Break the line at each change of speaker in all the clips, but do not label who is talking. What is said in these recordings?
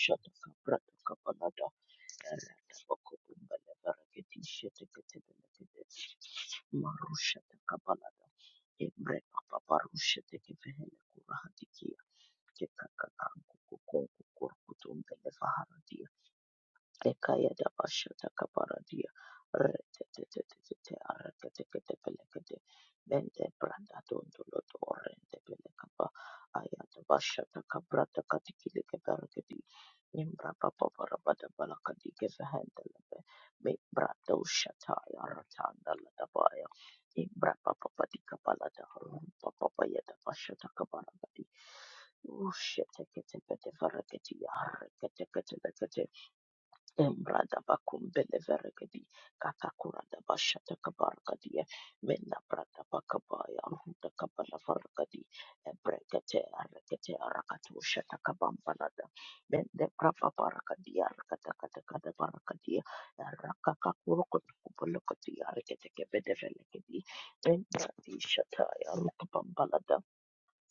Shatakabrakapanada Marushatakapalada Ebrepaparushatakevehele Kurahatikia Kekakakankukukorkutorkutumbelefaharadiya Lekaya da Bashata Kaparadia Retetetetetete Aratetekete Pelekete Bende Branda Dondoloto Orende Pelekapa Ayata Bashata Kabrata Katikile Keberakedi Nimbra Papa Barabada Balakadi Kevehendelebe Me Brado Shataya Ratanda Ladabaya Nimbra Papa Patika Balada Rumpa Papa Yada Bashata Kabaragadi Ushete Kete Pete Varaketi Arrekete Kete bekete. Embrada bakum beleveregedi katakurada bashata kabargadiye menna brada bakabaya ruda kabala vargadi ebrekete arekete arakatu shata kabambalada mende brapa bargadi arakata kata kada bargadi arakaka kurukutu kubulukati arekete kebede velekedi embradi shata ya ruka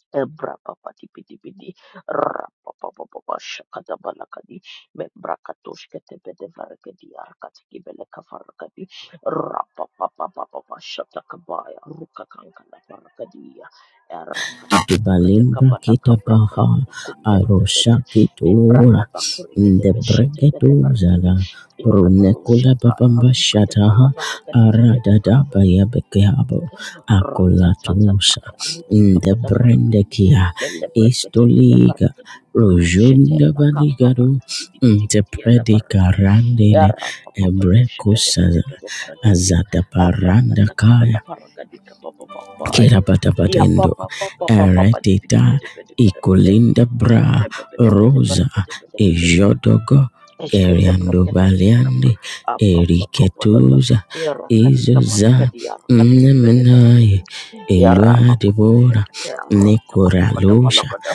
Ebrapapa tipitipiti rapapapapa shakata balakadi membrakatosh ketepete varakadi arkati kibele kafarakadi rapapapapapa shatakabaya rukakankana varakadiya erakatakatakata
Kibalimbra
kabala kabrakata
kitapaha arosha
pakumbembebede
kitura
membrada pakurekete
the
beshetekede varakadi
bregedoza
imano
runekula
shataya
babamba
rukate bala
shataha
varakadi kibede
aradada
varakadi
bayabekeabo akolatusa in the brendekia istoliga rojunda baligado in the predika randele ebrekosaza azata paranda kaya. Kira bata Kirabatapatendo, Eredita, Icolinda Bra, Rosa, Ejodogo,
Eshkete
Geriando
brakete bede kapa
Baliande,
apnoto kopolodo
Eriketuza,
birakati
Izuza,
kaparakati yarakati kibede farakati
Nemenaye,
yarapa
Elua
papu
Debora,
shekete amrata kato
Nicora
kato
Lucia,
balokodo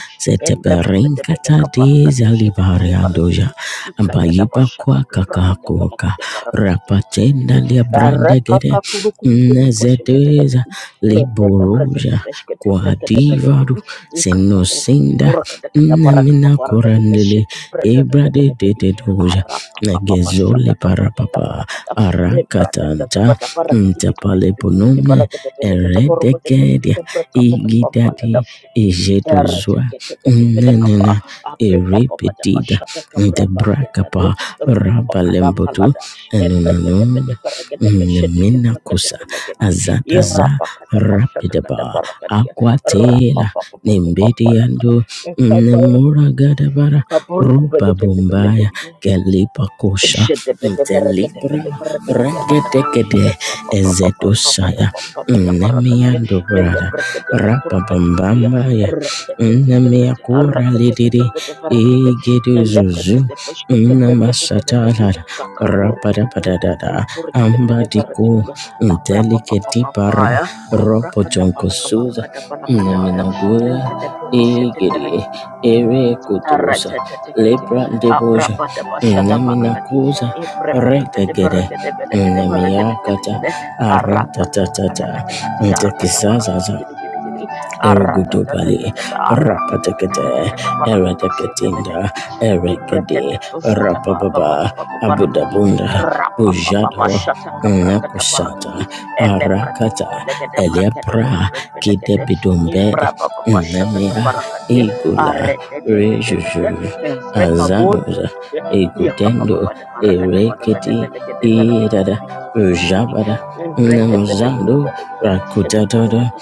embre bede
Seteperinka
bede kaparakatu
Tadiza
shete bede farakati
Libariandoja,
ikaya dapa
Ambayiba
shata
Kwa
kabrakata
Kakakoka,
balakata barakati kidi kidi kidi
Rapatenda
reka
Liabrandegede,
kakuru kutu kutu poshe bede bede
Nezedeza,
kidi mendele brakete
liboroja
beshkete brakete bede kidi
quadivaru
ikakuru kutu
senosinda
kurakata kata barakapa
namina
barakadi
korandele
beshete bede bede
ebrade
bede kidi
dededoja
harap Apa apa saja
negezole
keberkatan
parapapa
belakangnya ini berada pada
arakatanta
pada para kejepit jepit jepit jepit
ntapaleponome
para ketepele kita baru ketepus
eredekedia
kita berkaput
igidadi
pempalada raja
ejedozua
kita ketepele kapa
nenena
apre papa pada
erepetida
pasca keberapa dia
ntebrakapa
jadu rupa kadam
rabalembotu
falada embrete
enunanun
tepete para ketepes setekin
Minakusa
ketepele kedi yang
Azadaza
Rapa kata pasca kata
Rapidaba
para kadia rapa
Aquatela
papa papa papa laka.
Nembediando Nemura Gadabara
kabur ku
Ruba
belakang
Bumbaya
belakang
Galipa Kosha Intelibra Regetekede Ezedosaya Nemiando Brada Rapa Bambambaya Nemia Kura Lididi Gede zuzu namashatala rapadadada ambadiko delicati para ropojonko suza naminaguda igiri
Thank
ere kutusa
Aratetetekete,
lepra deboja
abrabadabashadavanakadi,
naminakuza retegede namiyakata
ibrepepepeteberekedebelekedeberekedegedegede,
aratatata
aratatakatakati,
ntekisazaza
arakadabarakadigidi,
Erugudobali
aratatatatata,
Rapatekete Ereteketinda
arakatakatakatakatabarakadushetebelegedi,
Erekedi Rapababa
ibreketetoshatabababadibababakadi,
Abudabunda Bujado
rapapapapashatakabrakadabarakadi,
Nakushata Arakata Eliapra
elebreketebelegedebrekedebelekedebelekede,
Kidebidumbedi Namia
imbrabababashatakabarakandia,
Igula Rejuju
Arretetetetetete, Freka Bolton,
Azanuza
iya kapapa
Igudendo
Pada baraka pada Parakata Parakata
Ereketi
Pelekate Parakate
Idada
Pipiti Pilikiti,
Ujabada
Embrete Pelekate
Namazando
Parakate Pashete
Rakutadada
Pelekate,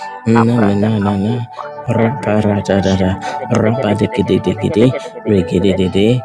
Aprata
Namanana
Kapumba, Eprekate
Raparatadada
Pashete
Rabadikidikidi Rigididide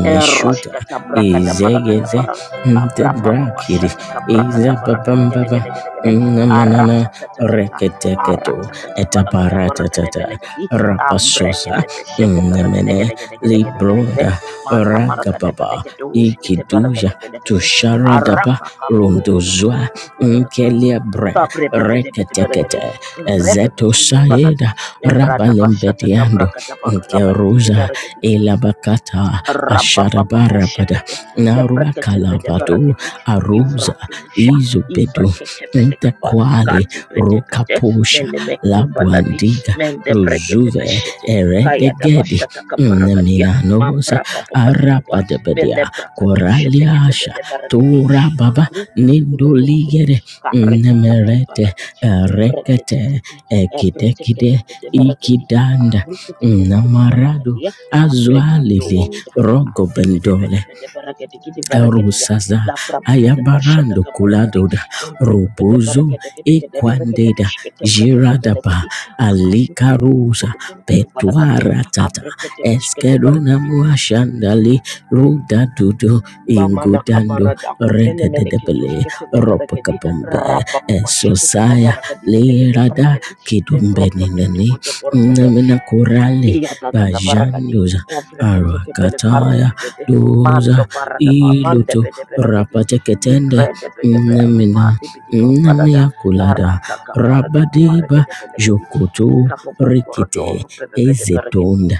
Erosh kata brakada barakada
Izegeze
bara abrapa baba
Debrakidi
shata kabrakada barakada gede
Izababambaba
gede gede gede
Namanana
arata tata tata
Reketeketo
arata kata barakada barakada
Etaparatata
belegedi
Rapasosa
ambrekete beshede barakada
Nemene
gede gede gede gede gede gede
Libroda
mana marakada
Ragababa
belegede ushkete barakada
Ikiduja
belegede
Tusharadaba
araka kakuru kutu
Rondozwa
kubaya ka
Nkeliabre
kabre bebe de bebe belegede
reketekete
embre bebe
ezeto
durumbaladi
shaeda
embrada bashata
rabalembediando
kabrakada bakarabadi gede
nkeruza elabakata asharabarabada
Rababababoshebede,
naruakalabado
lebreketebeleverakedi,
aruza
ivradusha,
izubedu
ivreketebelekaba,
ntekwali
kadubedebede,
rukapusha
menemekumbaladi,
labwandiga ruzuve
mendebrekedebeshete,
eredegedi
kayadabashatakabaragadía,
nminanos
mambrabababadidoba,
arabadebedia koraliasha
melebrakadusheteketebeleverakedi,
turababa
marukutukulukurukutu,
Nindoligere Nemerete
karekatabambalada,
Rekete
embretetetete,
Ekidekide
ebreteketebeleverakedi,
Ikidanda Namarado
arukutukurukutubalakadia,
Azualili Rogo
Ante de de de
bendole.
de de de bereketi gidi bereketi ya
Rusaza
la prabu pada başata
Ayabarando
kabarakati
Kuladoda
tembre de de
Robozo
bereketi gidi gidi bereketi
Equandeda
beşkete bereketi
Giradaba
beleketi akaki
Alika
kuru kuru
Rosa
kuru kuru kuru balakati ya
Petuara Tata
apreketi beşkete
Eskeruna
bereketi
Muashandali Roda Dudo
mama na
Ingudando
kabarada ene meneki
Rededebele
tuşkete ne bereketi
Ropakabombe
rabba başata kada
Esosaya
bereketi beleketi
Lerada
bereketi embrokta da
Kidumbeninani
da da
Namina Kurale
Iya tata da barakati
Bajandoza
efreke teke bele
Arakataya
karunde bede
Doza
mando baraka ba mande
iluto
bede bereketi
rapateketende
libre de beke be rupa
nemina
de bidi bambala da
nemia kulada
arata kabara du kuvareke
rabadiba
de beleketi
jokoto
kapo bomboro
rikite
dor
ezetunda
bebe bede bereketi
ezetonda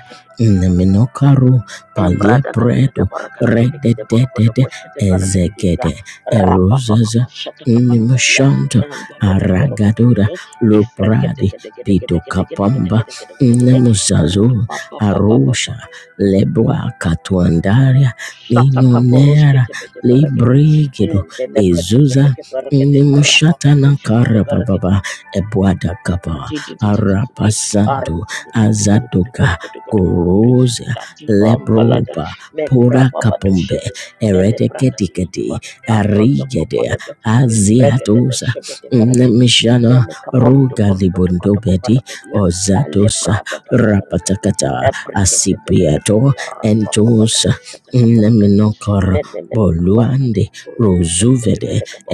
neminokaru
emrada kada kada
paliepredo
barakati belekete boroko de
redededede
boshete bereketi gidiya
ezekede
rapa papa
erozaza
boshete kabarakati ya
nimashanta
nando lo de boroko de
aragadora
kudo ifreke
lopradi
teke teke teke teke teke teke
pitokapamba
teke
nemuzazo
rapa papa papa
arusha lebwa Katuandari
Shata
Ninonera
kaboroshkete bede berekedi.
libregedo
Mende lebrekete
ezuza
bede berekedi. Rapapa
nimushatana karababa ebuada gaba
Kadididididididi.
arapasando azadoka,
Arrrrkutukutukurukutukurukutukutukurukutu.
gorosia
Ladibambalada.
lebroba pora kapombe
Membrababadoshete. di
eredeketiketi arigede
Aprotokobolodo.
aziatosa
Membrekedebeshebedebarakedi.
nemishana ruga libundobedi
Melekaborudoborukutukutukubarakadia.
ozatosa
Alebradabadabarakadi.
rapatakata asipiato entos
Ebreketebelekedibularambababadoshete kabarakadi.
Leminokor
Mene mene kabara kadi
Boluande
kuburu kudu buru kudu kudu ku baraka di ale brada pada baraka di ebre ke te
Rozuvede
bele kaba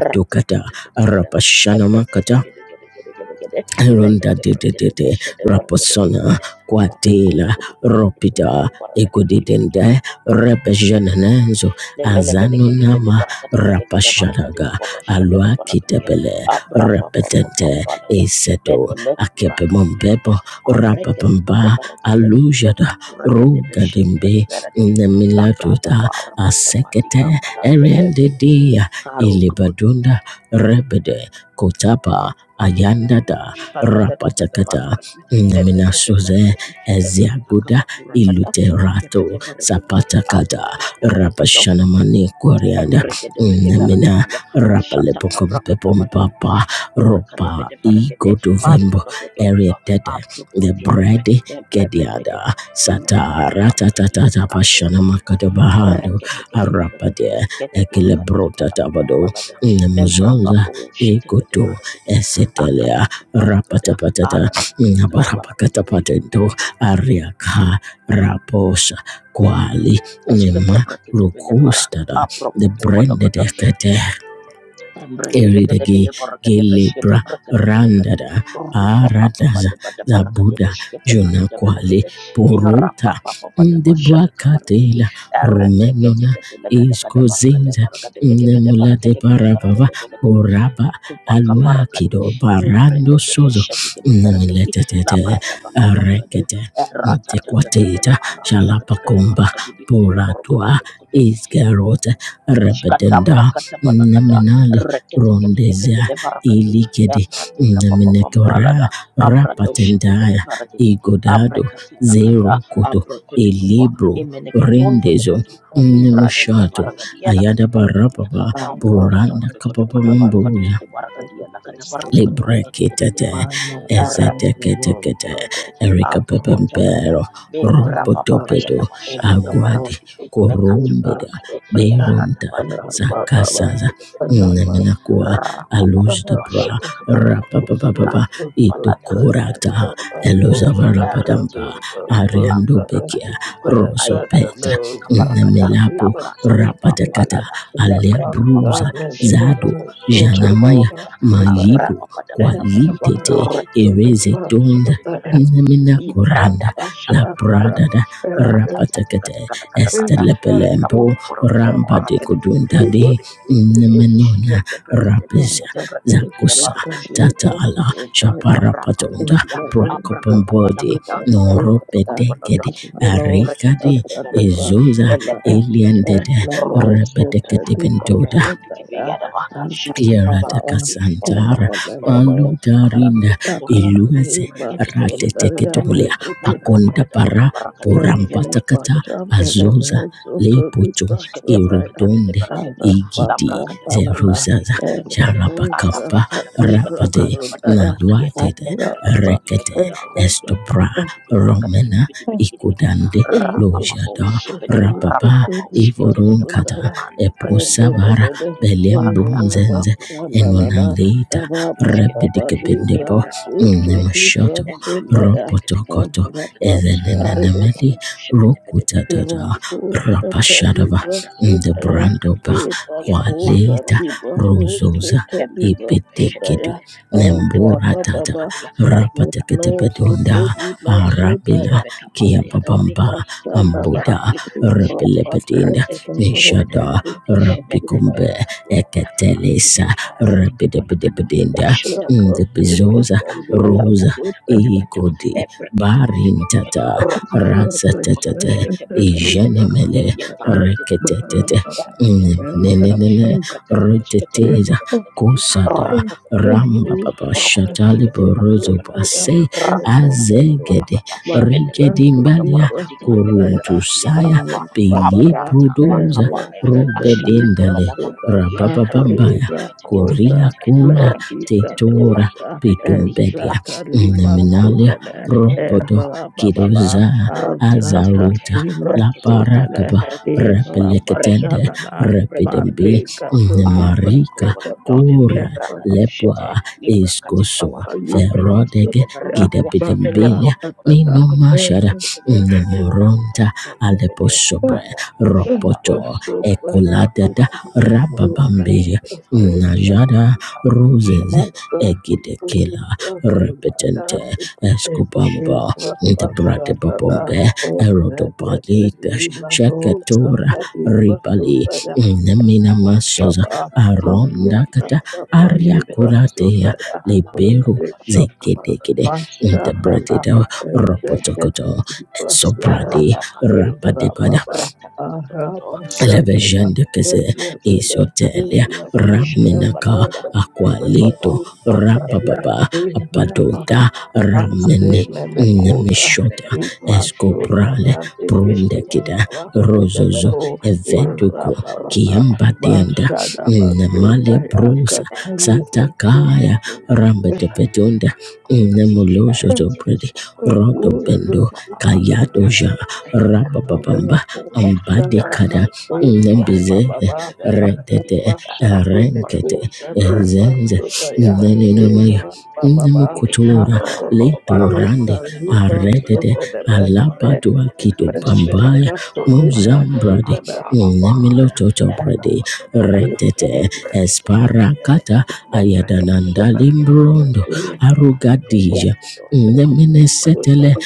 rata tete kede
Arapashanamakata
Ebrekedegedegedegedegede.
Ronda de de de de Raposona
Belekebrekedebeshedebrekedebelekede.
Quatela Ropida
Kakakukudukukudukukudubarakedebidibidikidi.
Egudidende Rebejanenzo Azanunama Rapashadaga Alua
Nemenemeneketebedebarakedebelekede-barekedebabashabadabarakedia.
Kitabele Repetente
Abrapapapapambalada.
Eseto
Menemekurakadinda.
Akepemombebo Rapapamba
Abrekedebedebarakedebe.
Alujada Rugadimbe
Lekakurekedebeshedekedeberekedi.
Nemilatuta Asekete Eriendedia
Labradabarabandabadigambaladebebelegede.
Ilibadunda Rebede Kotapa Ayandada rapatakata
Shadadadadadabarakati,
naminasuze
lelekedebarakati,
eziaguda
eratakabakurakata,
iluterato
ekebedebarakati,
sapatakata
aprotokobolokono,
rapashanamani kwarianda
Embregede bege
namina
vergedi ya ashata kabrakada balakadi,
rapalepokompepompapa
kakurakade
ropa
bede vergede mando
igotovembo
no do do do do,
erietete the
di bebe,
bread
embrebede
kediada
gede inna kata Embregedebegeveragedia, Ashatakabrakatabalagali, Kakurakadebedeveregede, Mandolododododo, Abrukutubebe, Membrebedegede, Inakatakabaragedia,
sataratatata
Katututututu,
pashanamakatabahando
Reketeketebelegede,
arapade ekilebrotatabado
Ketukurakadedibalabambalada,
namuzonza ikoto
Membrababoshitebedeveregedia,
esetelia
Akatakabarakada,
rapatapatata
Aratakatakadabarakadikidikibi,
nabarapakatapatento ariaka raposa kwali nema
Esketebrakedebelebara,
rukustara the branded
Apropopopologada,
ekete
Thank
Eridege Gelebra Randada Aradaza Zabuda Jonakwale Porota Ndebwakatela Romenona Iskozinza Nemulate Parabava Boraba Aluakido Barando Sozo Nemletete Rekete Tequateta Shalapakumba Poratua
you.
Isgarota
Shkatambra
Rabedenda
katabalakada,
Neminali Rondezia
reketeketeketekelevarakadu,
Ilikede
evradika papapambalada,
Naminekora Rapatendaya
abradoshitebedevarakidi,
Igodado
aprekatelakada,
Zero Koto
aprokotokobo,
Elibro Rendezo
imeneketontolokoto,
Thank
umbradika
Nemushato
barakadia lakada
Ayadaba
barakadia,
Rapaba Boranda Kapapa mamboya
mambrokotokotokotokotokotokotokotikidi barakadia lakada barakadia
Librekitete,
reketeketeketekede,
Ezeteketekete,
ereketeketeketebede,
Erika
abrotokobo,
Pepempero,
be brapapapayada
Robotopedo,
bashataka
Aguadi,
barakadi, bekatu
Corumbeda,
barakade, Evrada
Beirunta,
Barikuru Barakadia
Sakasaza,
Nikete Barakede
Neminakua,
Rapa Papa
Aluz de
Papa
Bra,
Shataka Barakadia
Rapapapapa,
Katu Balada
Itukurata,
Ebreke Bede Bede
Eluzavarapadampa,
Ereteke Bede
Ariando
Akura
Bekia,
Katikaba Ayada
Rosopeta,
Boshataka Barakada
Nemilapo,
Labrata
you.
Rapatakata,
Kabambalada
Thank
Alia
Lepreka
Bruza,
Paparato
Zado,
Shetekete Mina
Janamaya,
Monda Ambra
Mayibu
Papada Barapadi
kwalitete
Rekete
ereze tunda Namina
Ivrada
koranda la
Bashata
brada
Barakadi
da rapatekete
Ratata Ika
estelepelempo
popo poro kote
ramba de kodunda de nemenona rapiza zakusa tata ala
you.
shaparapatonda prakopombodi noropetekede arikade ezoza eliendede repetekete Yerata Kasantara, Baluda Rinda, Iluze, Rate Teketulia,
Thank
Manda
Pakonda
brada baka
Para,
barakati kete
Porampatakata,
Pasha mene
azosa
mozo toli
Lepoto,
paso na ya
Erodonde,
ara
Ishkatabrakatabaragadya,
pasha
Igidi,
na na
Zeruzaza,
ele
Labrakatabakurakadibidigalagadia,
pasha
Sharabakamba,
na ti
Rapade,
paso na ya
Alabrakatapashkatabradabadabarakadya,
Naluate,
ara papa
Rekete,
Nembrakatabilakadya,
este pa
Estopra, Romena,
este
Rudikidikidikidikidikidikidikidikidigidi,
Ikudande,
Rapapapau,
paso
Lojada,
na
Shibidi,
ya
Rapapa,
Rapapapau,
toli paso
Shikatelekaba,
na
Evorunkata,
ya ele
Eposavara,
ele ele
Belem
Mandebrakatabedevaragadikidibarakada,
ele
Brunzenze,
pasha na na na
Aprokotobolikoto,
Enonalita,
ara papa pa
Ikabrushkatebede,
ni na
Rabidikabendepo,
su
Mibrapapatubelede,
Nemashoto,
na
Ropotokoto,
Embrakatakatakatakatakatakatakata,
pasha mene
Ezenenemeli,
Rapapapatu,
Rokutata,
Rakusha
Shibidibidibaragadikidibaragadiyalakada,
Rapashadava,
La
liba
brada ba,
the
la
sudaya
brada ba
Brandoba,
eva
dia. Mam
kota
pro
Qualita,
to to
liba
to to to to.
Rososa,
rosete
Ya brada
liba
de be shete
Ipetekedu,
sudaya eva
Nemburatata,
baba
dia.
ba
Le kapa
no
kuru kudu kudu
soto
Rapateketepedonda,
kapa.
liba
Arabila,
sudaya
ya. Le
Kiababamba,
kati
Rakusha
kapa dia.
liba
Ambuda,
Le
Rakusha
kati shkete.
liba
Repelepedinda,
Rete kete kete
soto
be de
Meshada,
faraka di. Me
liba
ne me
sudaya
Rabikumbe,
ne kapu onda. Anti
Eketelesa
biti faraka di bola kata.
Rabidabidabidinda
Ashata kata
Rakusha
bola
Ndibizoza
kata.
liba
Rata
Rosa
tata kata kata.
Igodi
Evre kete kete kete.
Barintata
sudaya
Rakatakaduku,
Razatatata
kutukushkete,
Rakusha liba
breketebeleka,
Ijanemele
sudaya Bara
yatantetebelekede,
Reketetete mm,
ereketebelekedi,
Nenenene
baba
ereketebeshkete,
Reteteza
breketebelekedi,
Kosada
And
Ramba
oh,
rapatapatipitipidikidi,
Baba
Shabbat, we
Shatali
borokotebushkete,
pursued
Borozo
I am
breketebelekedi,
Base
in the hello,
Azegede
ratatatabalakada,
Master to
Rigedimbalia
Libras with I
Kuruntusaya
melepontopotoborokotikandebereketikiyandalaba,
am
Bilie
Baba
Brudoza
and
abratabakabaya,
Rakata Libras
Rubedendale
so I
ashatakabalabarakadi,
am
rabababambaya koria
Irakota
reteteketeketelekete,
kola tetora
Mendicatosha
reketeketebedebereketebelekedi,
and
pedombedia
Zata Lima
neminalia
kakapurakatababambaya,
Sudane and
robodo
Rababa
Ushibidi,
kidoza
azata
Rekatekate,
azaruta
Rekatekate,
laparakaba
Ferrekate,
Mazata
Brekate,
repeleketende
Shkate, Brekate,
repidembi
Belekabo,
Malika to
nemarika
Libra
Arotokobolodo,
kora lepwa
Librakadushete, Librakatikapa,
iskoso
Abrekate,
ferodege
Beleverakatia,
kidepidembelia
Lelebrondo, Bodoborokota,
minomashara
Rekate, Belekate, Nando,
nemoronta
Delbede,
aleposobre
Kayadu, Shatapa,
roboto ekolada
Abrakatakabarakabu, Muno, Brekate,
Rababambeya
Beleverakabu,
Najada Roses
Shatapa, Librakate,
Egidekila Repetente
Thank
Escobamba the Brate Babombe Erodopalitash Shakatora Ribali Namina Masaza
Maria,
Arondakata
Nata, Pali,
Ariakuratea
Brasota, and
Liberu
Lake
Zegedekide the Brate
Bashabana
you.
Ropotokoto Sobradi
Basubaya Indra
Rabadebada
Baba Aha Bashabana
Elevejende kese
Baba
isotelia
Ilabu Aha
raminaka akwalito,
Basibalabu Sapaya
rabababa
Indra Baba
apadota ramene
Asenene Kota
nemishota escobrale
Imasudana
brundekida
Bekete
rozozo
Bashabana Indra
eveduko
Baba
kiembadenda
Bashada
nemale
Basudaya
brusa
Katali Basudaya
satakaya
Minna kuuskata,
rambetepetunda
kaka kortati, ää, tietenkin
nemolosozobredi
porkoti,
rodobendo kayadoja rabababamba
Thank
ambadikada Lembize redete, renkete zenze nenenamaya nemukutura letorande aretete alabatua kitu bambaya muzambrade nemilototobrade retete esparakata ayadanandalimbrondo arugadija neminesetele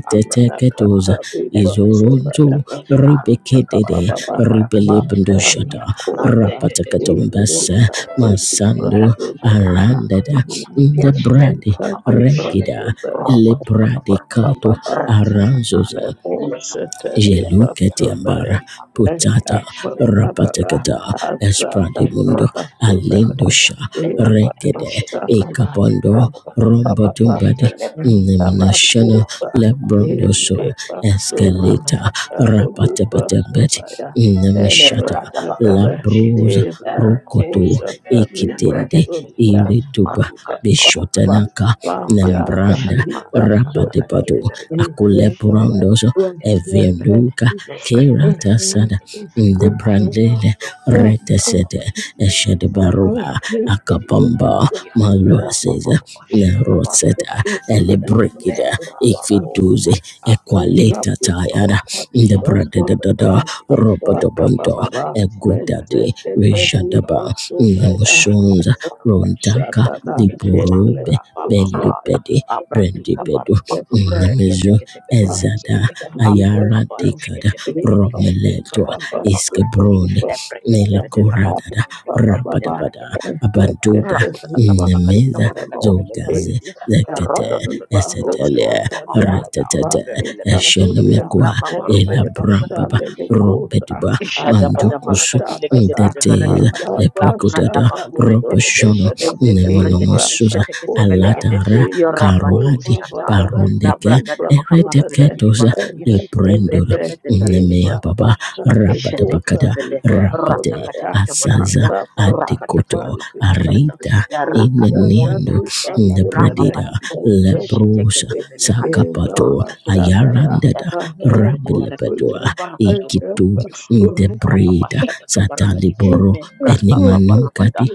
Apa yang terjadi?
ketuza
Memberikan cinta
you.
ke
izoronto
diri, Aku tak pernah
rebeketede
tak
Baba
pernah
Ribele
kejadian yang terjadi.
Mashana
Pundushata
Satu
Kota
cinta cinta
Ere
cinta cinta,
Rapatakatombasse
yang terjadi
Katoli
di dalam
Masando
hatiku.
Prasoda
Aku tak pernah
Arandada
tak pernah,
the
memberikan
Nako
cinta cinta
Brade
cinta cinta, yang
Shatali
terjadi di
Regida
Prasoda
dalam hatiku. Aku tak pernah tak
Lebrade
pernah,
Cato
Baba
memberikan cinta cinta cinta cinta, yang terjadi di dalam hatiku. Aku tak pernah tak pernah, memberikan
Aranzosa
Nemo
cinta
Shatali
cinta
Jelukete ambara
Prasoda
cinta cinta,
putata
Eka Basababa
rapatekata
Azatali
espradimundo
Prasoda
alindosha
Eva
rekede
Mashana
ikapondo
yang terjadi di dalam
rombo
hatiku
Baba
dumbadi
le perché te perché ti chiedi
neminashana
barata
Abakuba
tu lo come che devi
ende
lebrondoso
fare che via
basuna
Sa
eskeleta
sa sa tanto
nakatole
tanto balla.
rapatepetebet
basuna ya
nemishata
Lembrada bakar
ebrebebe
bushkete,
labruza
ela
ertek
rukutu
kosha
medeve,
tali
embreket
ikitende
basuna ya
belekete,
irituba
maruka di baba
ababa
baladi,
bishotanaka
kebram
baya
balada
nembranda
başladı
tali
baraka di kabaraka
basuna
di
ya
rapatepatu
gede berekede, şebe
baba
bebede
akuleprondoso
berekede
baya
bebelede,
Evianduka
membre
Kirata
bebede
Sada
berekede, karadi ki
Ndebrandele
bordo, umbra baba
Retesede
di bidi bidi gede baraka di
Eshedbarua
lekede baraka di baba
tali
Akabamba
baraka di ya,
basuna
rabba
Maluaseza
baba başladı kabaraka di
Neroseta
baba balada,
Elebrekida
membra baba
ya
onda,
Ikviduzi
abra di
Shatana,
Equaleta
di
Tayana
baba, işata kabaraka di
Ndebradada
belekede, Rodo
Robodobondo Egudade Rejadaba Nemushunza Rondaka Liburube Bendubedi Brendibedu Nemezu Ezada ayara tikada romeletwa
Papa Super
iskebronde
Viva
nela
Supaya Abba
koradada
Baba Baba
rabadabada abanduda
Rekete Lima
nemeza
Supermemo
zogaze
Ezakata
zekete
Viva
esetele
Roshatalia
retetete
Mani Katulia
eshenemekwa
Abba
elabrambaba
Shamene Kota
robeduba
Shada bada
Abba
mandukusu
barakati lekete
Shatata
pete
ndeteza
farakati ya la
Abba
brada
leprekudada
bakuren de
Shataliba
pete
robeshono
Sudene
mende le brekete pe
nemonomosuza
shete kete
Irakapulia
belekete
alatara
Ina
yora
karuadi
Kopa
shataya
Rasata
la
parundeke
brada da
Libra
baka farakati
Sudene
kidi
ereteketoza
barakati
de
mende le
prendora
pete
nemea
Ibrapa
baba
Sande
rabada
Kota
bakada
Ishatekatebede,
Libra
rabade
Sonaya
Ratakatakatabulakada,
asaza
Araba
adekoto
Akbandi
Rakatakatalakatalakata,
arita
Isata
Rakatunda,
ineniando
Lipa
the
Elebramba
Sunene
bredida
Padibidi,
lebrosa
Ozekli
Ishatekatebelekali,
sakapato
Ibrapa
Rakatumbeleve,
Sandana
ayarandada rabilepedoa
Ahakutulia
Evrekatebedevarakedikidi
ikitu
Ayapa
Barakatulukurukutu,
the
Rupa Papa
breda
Shatakaparagadi,
sataliboro
Membrapa Babarabada,
benimanungadi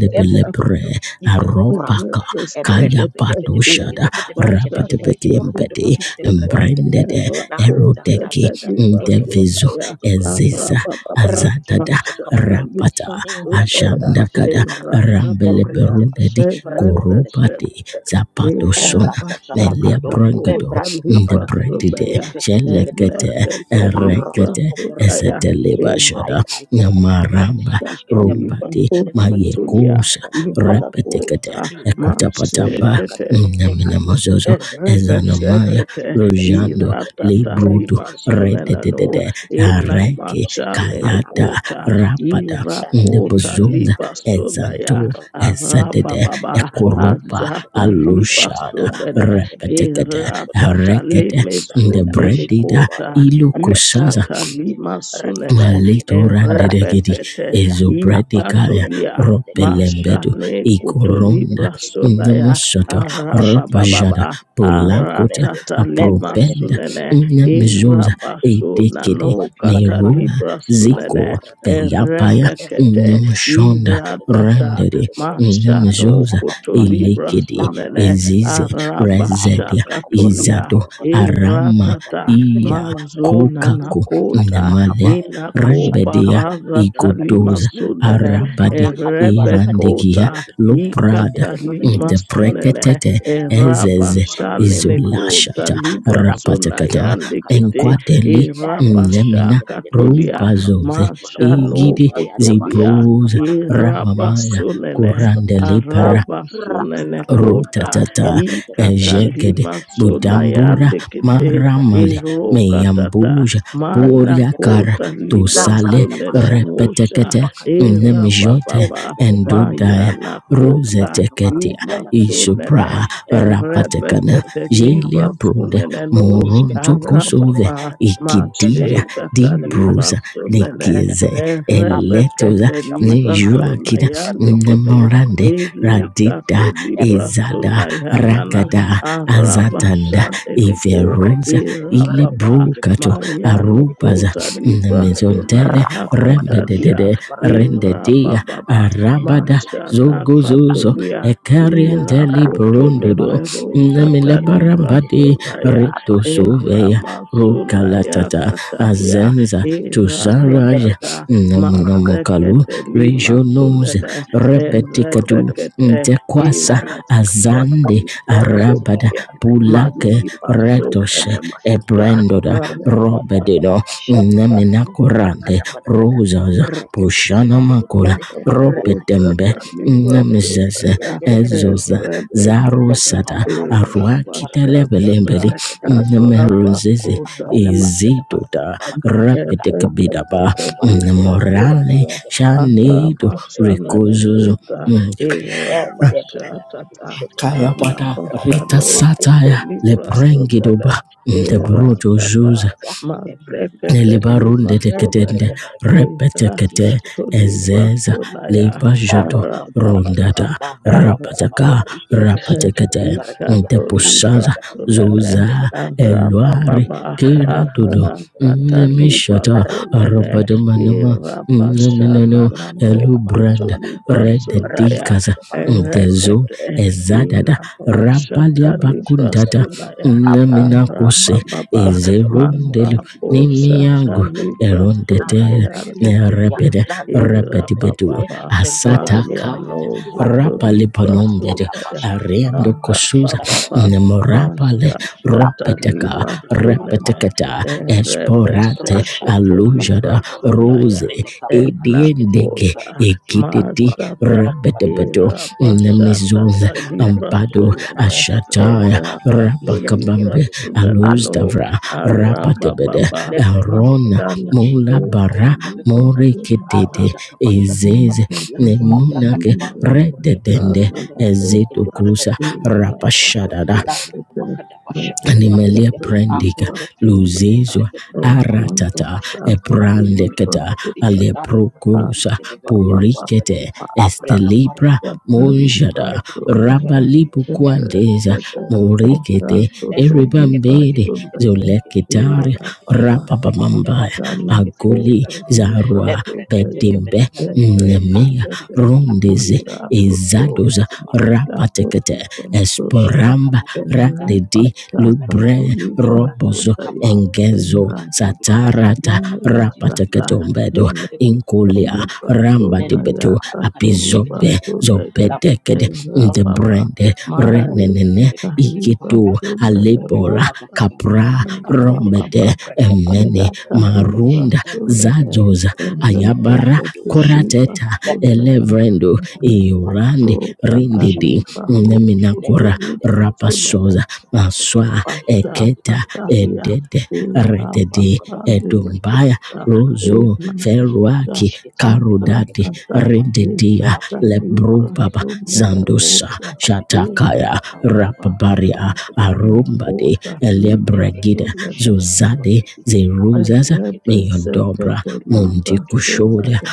the belebre
Libra
aropaka
Nikakurakata,
kaya pato shada
Ebrekatebedevarakedikidi
rabada
Barakatebelekidi
beki embedi
Kurukutu
embrended Erodeki Ndevizo Eziza
ricchette
Azadada
peccabonde,
Rapata
impre papa da pasce da
Ashandakada
paracadi, le precate pesce
Rambeleberudedi
di
Korobati Zapato Sona Melia
Eratsatsabacato,
Brangado
Membrani Capanacani,
Ndebredide
Isecate de
Shelekete
Bargani, Arata
Erekete
Coborgani,
Eseteleba
Sodaya,
Ikai
Shada
Kaiko Menene,
Namaramba
Pastakaliba
Sketembrike de
Rumbati
Benevaragani,
Hosotolia
Mayekosa
Apoto Monodecani,
Repetekete
Inapota
Mimbrana di
Ekutapatamba
Washatacada,
Masetete
Mecatuskete
Naminamazozo
Benevaragade,
Ezanamaya
Rebeshetete
Retekete
Rojando
Benevaragade,
Iratata
Librudu
Lima
Reketekete Benevaragade,
Sunenano
Rededede
Arketekete
Ina
Areke
Benevaragade,
Mashane
Kayada
Calabrata
Kota
Cabaragadi,
Rapada
Erekete
Irakota
Nebuzunda
Liba
Benevaragade,
Sunaya
Ezanto
Mimbrana di
Ezedede
Kibaragada,
Arababa
Ayata
Ekoropa
Kabashata
Azata
Cabaragadi,
Liba
Alushada
Sunene
reketebele
Repetekede
bomburugudu
Iratata
Rekete
mende
Lime
brakada
Sunene
bashata
Ndebredida
kubaya
Kota
ilukusaz
Ikata
rekatoshkete
Lima Sunene
reketontele
Malito randedegedi
Erebekete
ratatatatata abado
ezobradikaya
gede gede
Ikatolia
gede gede gede gede
ropelembedu
Mashane
gede gede gede gede gede gede
ikoronda
Kotolibra
gede gede gede
Sunaya
namasata
hayada bashata
rabajada
Arababa
kuburugudu
polakota
membrede
Aratata
membre
Libra
gede
apropenda
gede
Sunene
gede
namizoza
Irabasuna
edekede
no
Kabadi bate
Kata
merua
farakadi,
Libra
kazi
ziko
Sunene
parada bakadi,
peyapaya
Erebekete
efrekete peşkete
namshonda
brekete gede gede
Iratata
gede
randede
gede gede,
Masha no
arata
namizoza
baba
Koto
barakadi,
Libra
elekedi
lambrada
Sunene
gede
ezize
barakadi,
Arabasha
rezedia
arata kubala
Katolia
izado
kubarakadi, bede bala
arama
bede
Iratata
barakadi, bele
iya
kubarakadi,
Mazona
kokako
kubrakata
Nakota
nemalia
bakabaya,
Inako
aşata
Rembedia
kabrakada
Parazata
barakadi,
Lima
Igodoza
ninyo
Sunene
Arabadi
numana kada barakadi, bede
Irandigia
bede
Erebekota
gede ya,
Loprada
Ikata
lişkete barakadi,
Lima
elle
Sunene
Interpretete
brekete bekurakadi, gidi
Ezeze
barakadi,
Erabashane
makadu
nekota
Izolashata
şete gede
libra
barakadi,
sona
Rapatakata
yande
ifakata
kete
barakadi,
Enkwadeli Nemina
erabashaka
Ereteketekete,
tolia
Rubazoze
arotokoboloko,
mashano
Igidi
kotolia
Zibroza
koyadabasatakabaragadhi,
Ramamaya
erabasunene
nembrekadebelekede.
Kurandele para
Oh,
arabasunene
rakakakayakata,
kota
rotatata
ikata
ejegede
evrekedebeshetekete,
lima sona
budambura
yande kete
ikadikadikadikadikadikadikada.
maramale
erokatata
meyambuja
mana
Telepebede
boriakara
kota
bereketi.
libra
tosale
Nambrata
sunene
masyataka.
musha
repetekete
Ifakatumbelede.
nemjote
erabababa
Mendebede bereketi.
endudaya
mayana
Aruda kepada
kota
rozeteketia
kebarakati. Yanakada
imasonene
barakati.
isupra
Erato
rapatekana
kebodado.
Rebekete
jelia
libra
Mekabronde
brunde
bolokoto.
suneneno
Iskete brekete
morontokosove
bede
arababa
farakete. Bende
mashe
ikidia
brekete bede
kata
di
bede
libra
brusa
farakete. Kibi farakati
sunene
nikize
yanakada. Abrata
eletoza
Rebekete
pushabadi
libra
barakati.
nijuakida
sunayande
Ebrokoto
kete
bolokoto.
nemorande
Mina
ele
radida
bomba.
kato libra
Ebreka
Ezada
bolokoto.
sunayanana
Ragada
Nindorodo. ila
Azatanda
arabasha
pompododo,
dedeko
kurecet
Iverosa
cedek cedek barat cedek
irababa
cedek cedek cedek
Ilebrukato
cedek cedek cedek
mayano
cedek
Arubaza
cedek
kota
cedek cedek
libra
kure
Nemizontele
rafa kepada musya
sunayakatalia
dan
Rembedede
keparakan ini
Rendedia
irababa
ember
Arabada
masha
cedek cedek jadi
Zogozozo
gado
nakatulia
gado gado gado
Ekariente
raka jadi mana
Librondodo
ke depannya jadi
Irakotoleberosata
musya kepada jadi
Nemilabarambade
librasolaya
rafa di bawah
Retosovea
eramasolaya
Rokalatata
katalia
Azenza Tusaraja
membentuk barat
iratatata
menjadi para katur
Namunamukalu
mazekete
kurecet bener bener ini
Regionose
limasunene
kacip kacip gado gado borok demi
Rebetikadu
erebekete
Ntekwasa
Sarah takata
irasata
Azande
balakati, ratika
Arabada
tika
librasolaya
tika tika barakati,
Pulake
ifata
malilimasunene
Retoshe
kada basha
muza
takata
Ebrendoda
balakata, ya
arababa
brada
Robededo
basha takata,
Namina Korande
ibrakata balakata,
Rosas
rakati tika
Pushana
tika tika tika
Makola
tika,
Mother of
rakata tika
Robetembe
tika tika tika tika tika tika
Namizeze
Librasolaya
tika tika tika tika tika
Ezoza
tika tika tika, laka
Zarosada
pada
Eva
barusha tabarakati,
Bashadana
Aruakitelebelembele
ibrakata bespita barakati,
Namerunzeze
Rabakota
ayada basha tabarakata
Ezidoda
balakati,
Ever
kakaku
Rabedekabidaba
tepiku
etekeriba
barakati ya,
Morale
tebya
leprekete barakati,
Shanedo
indikatom bete
arabashana
bete bete
Ricozozo
bete
nekota
bete bete ende brada
irabashatata
kadushete
Kaya
ina
pata
bradi
rita
arabashano
kabaya
koto
sataya le
libra
abrakato
sonele
prengidoba
murotoko
de
murakati
bruto
kidi
iratata
juza.
barakada ebrembe
mazekete
pedekede
lima
Libarunde
nande
teketende
sonele
pede barakidi
repetekete
atishkete
irakato libra
ezeza
sonaya
liba jodo
Erotokoponodo,
arabababa
rundada
Mambra Babada
rapataka
Barabadi,
eraboshete
Eshetekete
rapatekete
Beregedia,
ikato libra
ntepushaza
Abrakada Pakurka de
sonele
zuza
Kedegede,
eluari
arabababa
kira dudo
Arakataliba
nemishata
solele
Rekede,
arabadamanama
irabashana
neminano
nano
elubrand
totolibra solaya
Rapata
rededikaza
kada barakada kada barakada
ntezu
erekete
kada kada buru kada
ezadada
inamo
kabur kada
shatalibra
moshada kada
rabaliabakundada
kada
solaya
abrata kabar
neminakuse
kada
arababa
lekrekete pakuru kada kada
mambapo
buru kada
nimi yangu
moshada barakada
shatalibra
dia nande
erundete
solaya
pede kada dia
ndikete
nerebede
nande pede pede kada
rebedibedu
irababa
asataka
mendelekede
mayano
di barakado
zotolibra
ora
rapalipanombede
taka
solaya
pasha taka
ariendo
barakadi
kosuza
era
arababa
tekete bede
nemorapale
masha
barakadi labra taka
ropeteka
tatalima
bala brada bara
solele
barakadi
repetekata
bidi bidi bidi bidi
esporate
rasha taka taka barakadi
alujada
borokode
Rebesekutunibrasudaya
rose
bele kabra kadush kete bede
ediendege
enakota
barakadi kakura
ekititi
kadi
mazata
kiba bala kadi
rebedebedu
bende brekete
irabashatata
nemizuza
beshete berekedi
ambado
na
librasunene
do do do
ashataya
borokodi ishete ke
rabakabambe
bede be
erakatolibrasunene
al
aluz
no
kuru
davra
kuru kuru kuru barakadi
rapatebede
arabababa
le brekete bele
Rona
kete
matana
Mula
bende
kota
Bara
brekete be korkadi
More Ketete
librasunaya
aruda kabashata
Ezeze
kabanakadia labra
Nemunake
katabarukutu
Rededende
urekedegedegede verekedegedegede
Ezetukusa
verekedegedegede barakudo
Rapashada
lana kamakada bashata
Animalia
kabarakadia
prendica
Baba,
akureketegede
luzizwa
velekedi
and want
kakakada
us
aratata
to
bashata
have to
kabarakade bede
deliver us
eprandicata
from
barakadi
thy
laburukutu
hand,
aleprocusa
burekede
Baba,
velekede barakadia
puricete
Baba,
apreka
estelibra
barukutu
Bakari
balakada
monjada
arekedegede
Basundaya
verekedi evrata
rabalibuquandeza
bashata
Esa
kabarakadia
moricete
esteleke
Totoli
eribambede
verekedushkete
Basundaya
velekedi
zolecitari
Ira
amrekede
Baba
yanda balakada
rababamambaya
Masala
barakatushkete
agoli
Kota Nibra
zarua
lebre kete
Sundaya
kebede
bedimbe
bereketi
nemea
karata
Erebekete
kabala kura
rondeze
pada,
Ira Toto
bede kete
izadoza
bede bereketi
Masa Toti
rabatecate
Basundaya
esporamba
Shatakabado,
Ira
radedi
Ertekabete,
Basaka
lubre
Toli
Libra Kadu,
robozo
Basundaya
Kapa, Kudukur,
engezo
Ira
Kudukur,
Baba
Kudupalakati,
satarata
Maya
Lati, Kudukur, Kudukush,
rapateketombedo
Tata
Kudukur,
inkulia
Tuli
Kudukur,
ramba
pasuna
Nene
ya
Meka,
dibedo
Kadosh,
tuli
apizobe
Kudukur,
pasuna ya
Labra Kadu,
zobetekede
era
Kubaraka,
papa
ndebrende
mali
Rakete,
renenene
Belekubi,
tuli
iketo
Pahata,
pasuna ya
Kapaya,
alepora
Tata,
usa
Kadar,
kapra
Kadikiti,
era
Karakede,
papa
rombede
Debra Kete,
emene
ya
Belekubi,
tuli
marunda
Embre,
pasuna
Kede,
ya
Kede,
zazoza
Kede,
era papa
ayabara
Rakadu,
tuli
Shibede,
korateta
Lepre,
pasuna
Kabukur,
elevrendo
Kede,
ya
iorande
so
rindidi
tatali pahu
Falakida, Nah, do do
neminakora
tuli
do
rapasoza
pasuna
do. Rekete
Maswa
Pasha
Eketa
Pashakatalia,
Edede
Eva
Rededi Edumbaya
Pasadilikuta, Eva
Rozo
Musa,
Ferwaki Karudadi
Azatata,
Rededia
Ekata Eva
Lebrubaba
Sundana
Zandusa
Musa,
Shatakaya
Eva Baba,
Rapabaria
Mashana
Arumbadi
Kota, Eva
Elebregida Zuzade Zeruzas Miondobra
Rebesekeliba
Mundikushoda
solaya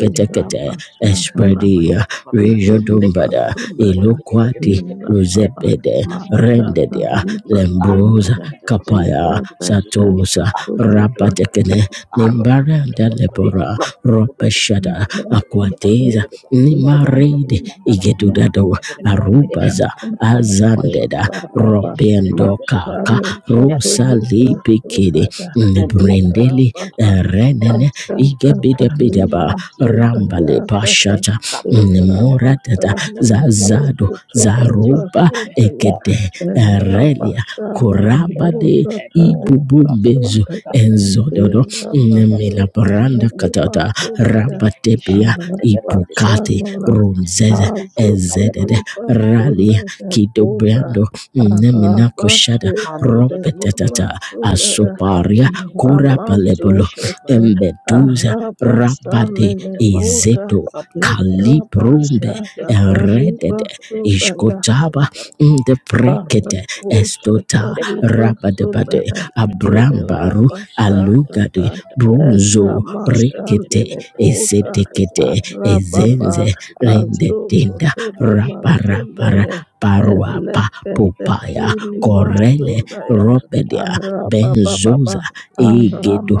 rekete rekete. Ikaya
basharana
da başa
Espredia
da para kade.
kutoliba
Lekete
Rejodumbada
borokete
solaya
borokete kete
Iloquati
borokete.
ira
Net
baba
Rosebede
borokete borokete borokete
mashata
rendedia
borokete.
liba
Ara
lembrosa
kata
solene
kata borokete
kapaya
borokete borokete.
rebeseka
satosa
Aprete borokete borokete.
rapatekene
Ara kata
nimbaranda
borokete.
lebora
Nok borokete borokete borokete
ropeshada
borokete borokete
akwateza
borokete borokete borokete borokete.
nimarede
Yang dalam kata yang dalam
igedudado
kata borokete borokete.
arubaza
Apa apa kata pasca
azandeda
kata borokete.
robendo
Lekete
kaka
Mashale
borokete
Katolika
rusalipikidi
Sudaya
ada kata
Lira
nibrendeli
kubala
Baba
kati,
renene
recek
Master
recek recek belekete,
igebidabidaba
Katalima
haji kabrang
rambale
itu
Sudaya
belekete,
Kata
pashata
kabrang tak
Lira
ada,
nimuratata
kabrang dapat
Bashaman
apa rasanya,
zazado
Hosu
recek
Tuliba
zaruba
recek recek,
Sudaya
egede
recek kubala
Lira
dan kubala
erelia
dan
Bashaman
kubala
korabade
Hosu Tuliba
ibubumbezo
Sudaya
enzododo
Lira
nemila
Bastu
branda
Katalima
katata rabatebia ipukate
Arapashanana
runzeze ezedede
dah
Mazutulipa
ralia
Sulekota
kidobrando nemina koshada
Mando do do polo
Arapasheteliva
koto,
ropetatata
nende
Sulea
pede
asoparia
bargedi, ande prekete
korapalebolo
peshe de
Ramazutete
bargedi,
embeduza rabade
kadibada barabada
Arapasanenepota
ezeto
abrakete pete barakete
kalibrumbe
de kadushkete
Irapashatakaliva
eredede
barakete
Sulea
minde
ishkotaba
pete barakete
the prekete
kaprakada bakrakadi
estota
de kadikubarakadi
rabadabade
Araposhatalibasunene
kiprakete pete
abrambaru
barakadi arata
Irabashakata
alugade
kabashada barakadi
bronzo
maso brakete
rekete
pete kete
Eramashandinekuta
mene mekori
esetekete
kadi pete pete
Arababa
barakada
ezenze
kadi pete pete pete pete
rendedinda
barakada bashada barakadi
rabarabara
Azototolimasundeye
kaprakada
paruapa
barakadi
popaya
kaprakete pete barakete
korele
kete kete
Eleketekilimasundaya
barakete
robedia
barakete barakete
Arabababa
benzoza egedo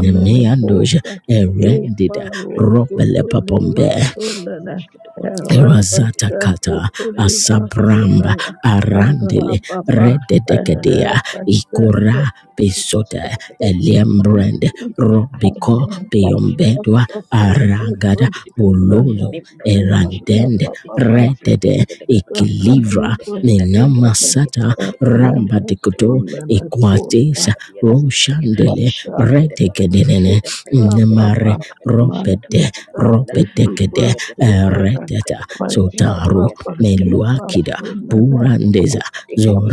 nemeandoja
barakete
erendida
अपने पेट
robele
पे लगाओ,
papombe
अपने पेट
Ibaruzotolimasundene
पे शक्ति पार करके पहले बूंद बूंद
Razata
बूंद
kata
के बेस पर पार करने से
asabramba
Erabashakotolimasundaya
तीन तीन तीन तीन तीन
arandele
तीन तीन तीन
Papa,
तीन तीन
rededekadea
तीन तीन
ikora
In Jesus'
pesota
mighty name. Ika maraka di
eliembrand
bidi gidi. Anta kete
robiko
maraka di tush kete
peyombedwa
maraka di. Neka kaka di
aragada
gidi maraka di.
bolozo
Ni maraka di pash kete
erandende
maraka di. Ne freka
redede
di bidi karaka di bidi faraka
ikilivra
di. Ne freka di bidi gidi
nenamasata
maraka
rambadikoto ikwatesa
ya dasa maraka di ya.
roshandele
Isha teke di maraka di.
redekedene
Ne freka di bidi gidi
namare
maraka di pash kete
robede
maraka di maraka di.
robedekede
Araka di bidi gidi maraka di
redede Sotaru
ya.
Meluakida Purandeza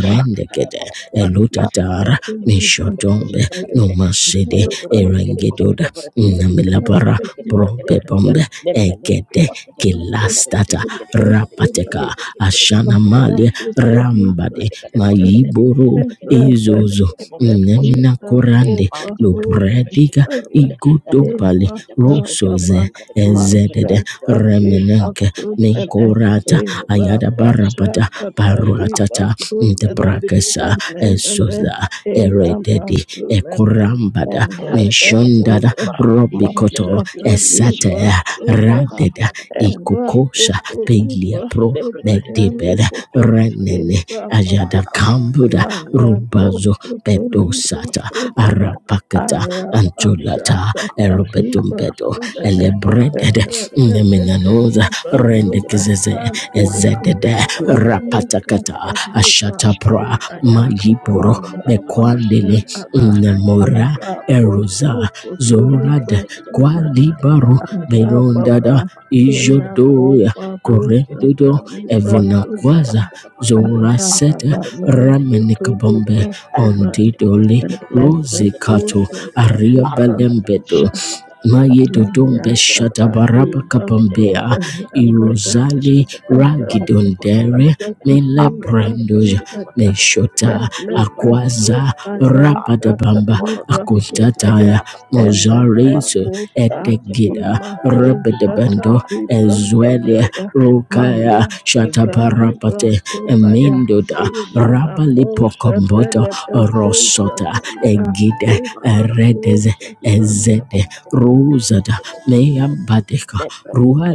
Isha kaka di
Thank
Elutatar
Izaragede belegede borogede
Mishotombe
boshkede belegede
Nomasede
nikiki korogede boshkede
Erengedoda
belegede belegede borogede
Namilabara
belegede borogede belegede
Probebombe
nemeneke
Egede
boshkede belegede belegede gede
Kilastata
gede gede gede gede
you.
Rapateka
gede gede gede gede gede gede gede gede
Masha
Ashanamali Rambade
arakakakade gede boshkede belegede
Mayiboro
belegede borogede
Izozo
belegede borogede boshkede
Nemina
belegede
Korande
pante belegede
Lubrediga
boshkede borogede
Igudobali
ekakakade boshkede
Rosoze
belegede belegede
Ezedede remenenke Ninkorata Ayada Barabada Paruatata Ndebrakesa Esoza Erededi Ekorambada Meshondada Robikoto
Taliba
Esate
Sunana
Radeda Ikukosa Pelia
Kutoliba
Pro
soda yande
Bedibed
kete
Renene
era
Ajada
papa
Kambuda
na yando
Rubazo
kutoliba
Bedosata
soda
Arapakata
ara pasha
Antolata
tata liba
Erobedumbedo
soda ne
Elebreded
Apa
repete
Neminanoza
liba soda
rendekizizi
yande
Arah
ezedede rapatakata ashatapra
ya
mayiboro
mara pasha
bekwandele
tata
nemora
ara posu
eroza zorad kwalibaru
Ahapapa
berondada ijodoya
inakoparosa
korendodo evonakwaza
talipasodaya
zorasete ramenikabombe
ahanananosutulipasodaya
ondidoli rozikato
lekeposha
kata
ariabalembedoli
talipasodaya
pasyata kabrakada pada kandiburu
Mayedodombe
kandiburu
Shadabaraba Kapambea
kandiburu
mayatatalipasodaya
Ibrahim
kata
Irozali Ragidondere Mele Brandoja Meshota Akwaza Rapadabamba Akuntataya Mozarizo Edegida Rabadabando Ezwele Rukaya Shatabarabate Emindoda Rabalipokomboto Rosota Egide Eredeze
Libra
Ezede Rosada Leyambadeka Rua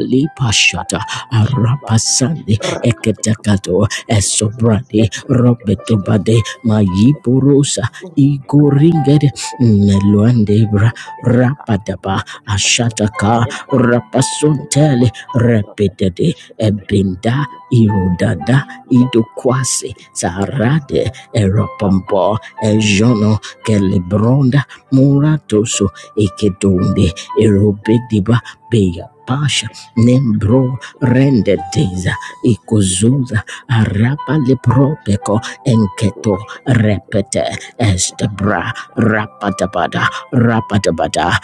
Kayak
Lipashata Arapasande Eketakato Esobrade Roberto Bade Mayiporosa Igoringed Meluandebra Rapadaba Ashataka Rapasontele Repetede Ebinda Irodada Idokwase Sarade Eropompo Ejono Kelebronda Muratoso ikedumbe
berendam,
erobediba beya pasha
Barakade, Santuku
nembro
Murakade,
rende
Ikara
deza
Kekeba, Ikebe
ikuzuza
Kekebe,
araba
Nkokoshi
liprobeko
Kekebe,
enketo
Kura Kekebe Kekebe
repete
Kekebe Kekebe,
estebra
Nanda Kekebe, Laka
rapatabada
Kekebe
rapatabada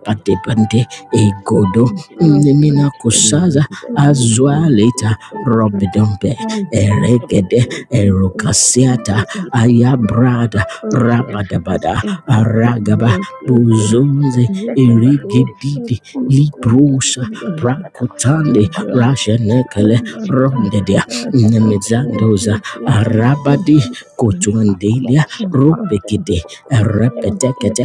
Kekebe,
egodo
Ekebe Kekebe
nemina
Kekebe,
kusaza
Zebra
azualita robedombe eregede erokasiata ayabrada
and also
rabadabada aragaba bozonze erigedide
the leaders
librosa prakotande rashenekele rondedea nemizandoza arabadi kotuandelia ropekete repetekete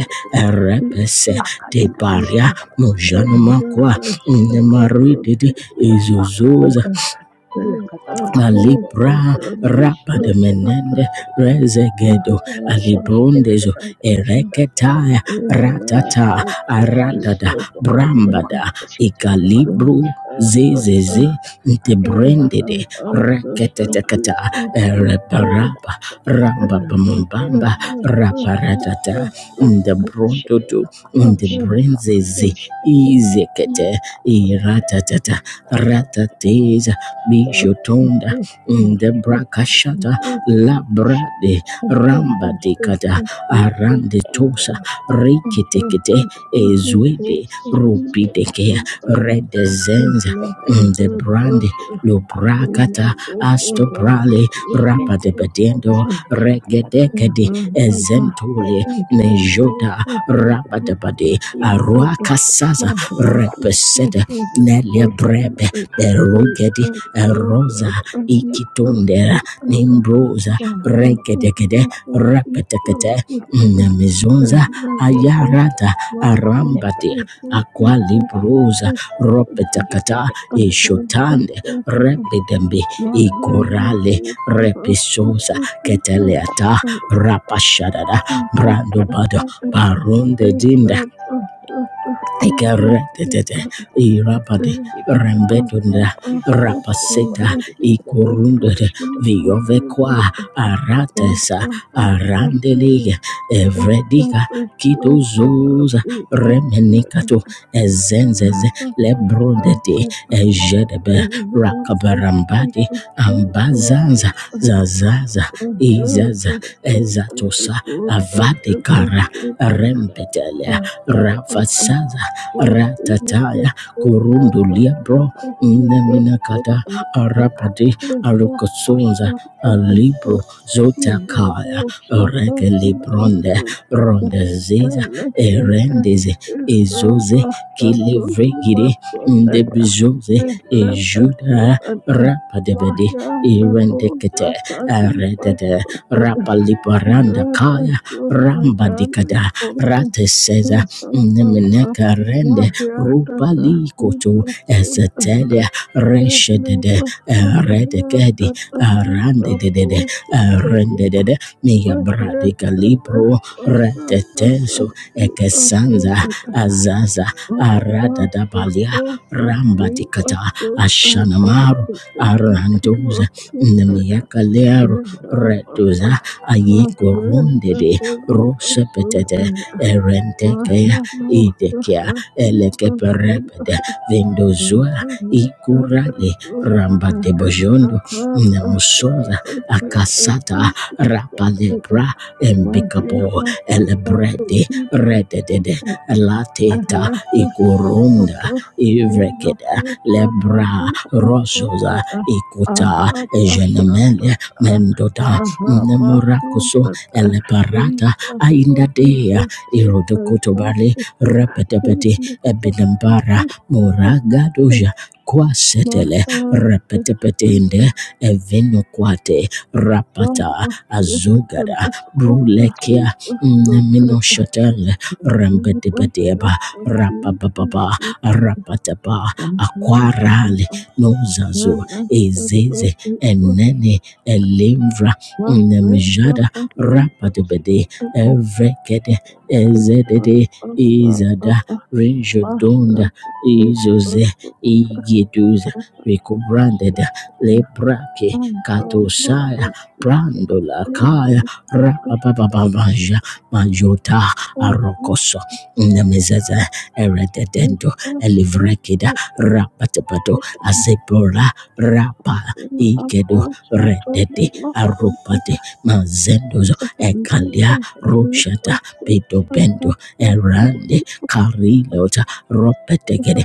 repese tebaria mojanomakwa nemaridede ezozoza
Yakata balaka di boko to
Malibra
poloko to.
rapa de
Lende
menende
pakata beleko
rezegedo
kisah detik detik
of
detik
alibrundezo
hari kembali,
the
nanti detik
ereketaya
I'm
detik baru kembali,
also
ratata
ikatan hari
thinking
kembali,
aradada
nanti detik detik baru
brambada
kembali, si ketika detik baru kembali,
ikalibru
hari baru
zezeze
kembali, aplikasi baru
ntebrendede
kembali, nampaknya
reketetekata
cerita
of
kembali,
some
kian rasa
ereparapa
makmur, nampaknya kembali, nanti
rambabambamba
percaya si ketika baru kembali,
raparatata
lapar kembali, kisah
ndebrontoto
lapar kembali, kisah lapar
ndebrenzeze
kembali, kisah kembali,
izekete
ah oke,
iratatata
saya tidak ada
ratateza
masalah, lagi
Bijotonda
jadi baru kembali,
Ndebrakashata
nanti baru kisah
Labrade
lagi.
Rambadekada Arandetosa Rekitekete Ezwede
Jesus, Jesus, Nati
Rupideke
Kati Kati Tamarakadi,
Redezenza
Erected
Ndebrande
I
Marakadi, Aki
Thank
Kutu
Lubrakata
Ported
Astobrale
Verakadi, Mentele
Rabadebedendo
Kaporoskete, Kaisata Kati
Regedekede
Burkut,
Ezentule
Aprepet Berakadi,
Nejota
Panda Kurkut, itu
Rabadabade Aruakasaza
Ebrakati Bolakadi,
Repesete
Mika
Nelia
Parakatu,
Brebe
Arikati
Berugedi
Berakadi,
Rosa
Antileprakata Purakadi,
Ikitundera Nimbrosa
Nambrakata
Regedegede
आप बाहर ना
Repetekete
आएं आप लोग
Nemizunza
आने के लिए
Ayarata
नेक पर
Arambadia
के तो छोटे छोटे नारे आ
Aqualibrosa
जाते हैं जिसको कीपर
Ropetakata
के तो छोटे बोलते हैं
Ishotande
नेक पर के
you.
तो छोटे
Rebidembi
बोलते
My
हैं लेकिन
helmet,
बोलते
Igorale
oh
हैं
Father,
जो
is
Repisosa
बोलते
so beautiful. My
Keteleata
helmet
Rapashadada
हैं
is
Brando
so
Bado
beautiful.
Barunde
It's just a master Jesus. It's
Ikaretete irabadi
आपने
a
बात करना
master
पड़ी
rembedunda
इस रंग
Jesus.
का दबों को
We
rapaseta
बोलके
have
दे
to go
बोलके दे
to
ikurundere
दिश के दबों
Jesus
के दे
for
बोलके दे
the
viovekwa
नेम बोलते
death
aratesa
of
हैं
our suffering
arandelige
and
Swami
evredika
separation of our
kidozoza
people.
remenikato
I
ezenzeze
have a son of a son of a son of
lebrondete ejedebe rakabarambadi
a son
ambazanza
of a
zazaza
Mahia,
izaza ezatosa avadikara rembetele rafasaza ratataya kurundulia bro neminakata arapati arukosonza alibro zotakaya rekelibronde rondeziza erendeze ezoze kilevregire ndebizoze ejuda rapadebede
that was
irendekete
a tiny
aredede
person. Thank
rapaliparanda kaya rambadikada rateseza Nemeneka rende rubali koto ezetele reshedede redekedi arandedede rendedede mia bradika libro retetezo ekesanza azaza aradadabalia rambadikata ashanamaru arandoza nemieka lero
you.
redoza
Thank you.
ayekorundede
Thank you. Thank
rosepetete erenteke idekia elekeperepede vendozua ikurale ramba debojondo nemusoza akasata rapalebra
Thank
embikabo elebrede rededede lateta ikurunda ivrekeda lebra rosoza ikuta ejenemele mendoda nemorakoso eleparata aindadea irodokotobale repetepeti ebilembara moragadoja kwasetele repetepetende evinokwate rapata azogada brulekia mino
you.
neminoshatele
I'm
rembedebedeba rapababa rapataba akwarale nozazo ezeze enene elimvra nemjada rapatebede evrekede ezedede izada renjodonda izoze igiduza recobranded lebrake katosaya prandolakaya rapapapapaja majota arokoso nemezeze erededendo elivrekida rapatepato azebora rapa ikedo
also totally
redede
lost.
arupate mazendozo
Thank you.
ekalia roshata pedo bendo erande karilota ropetegede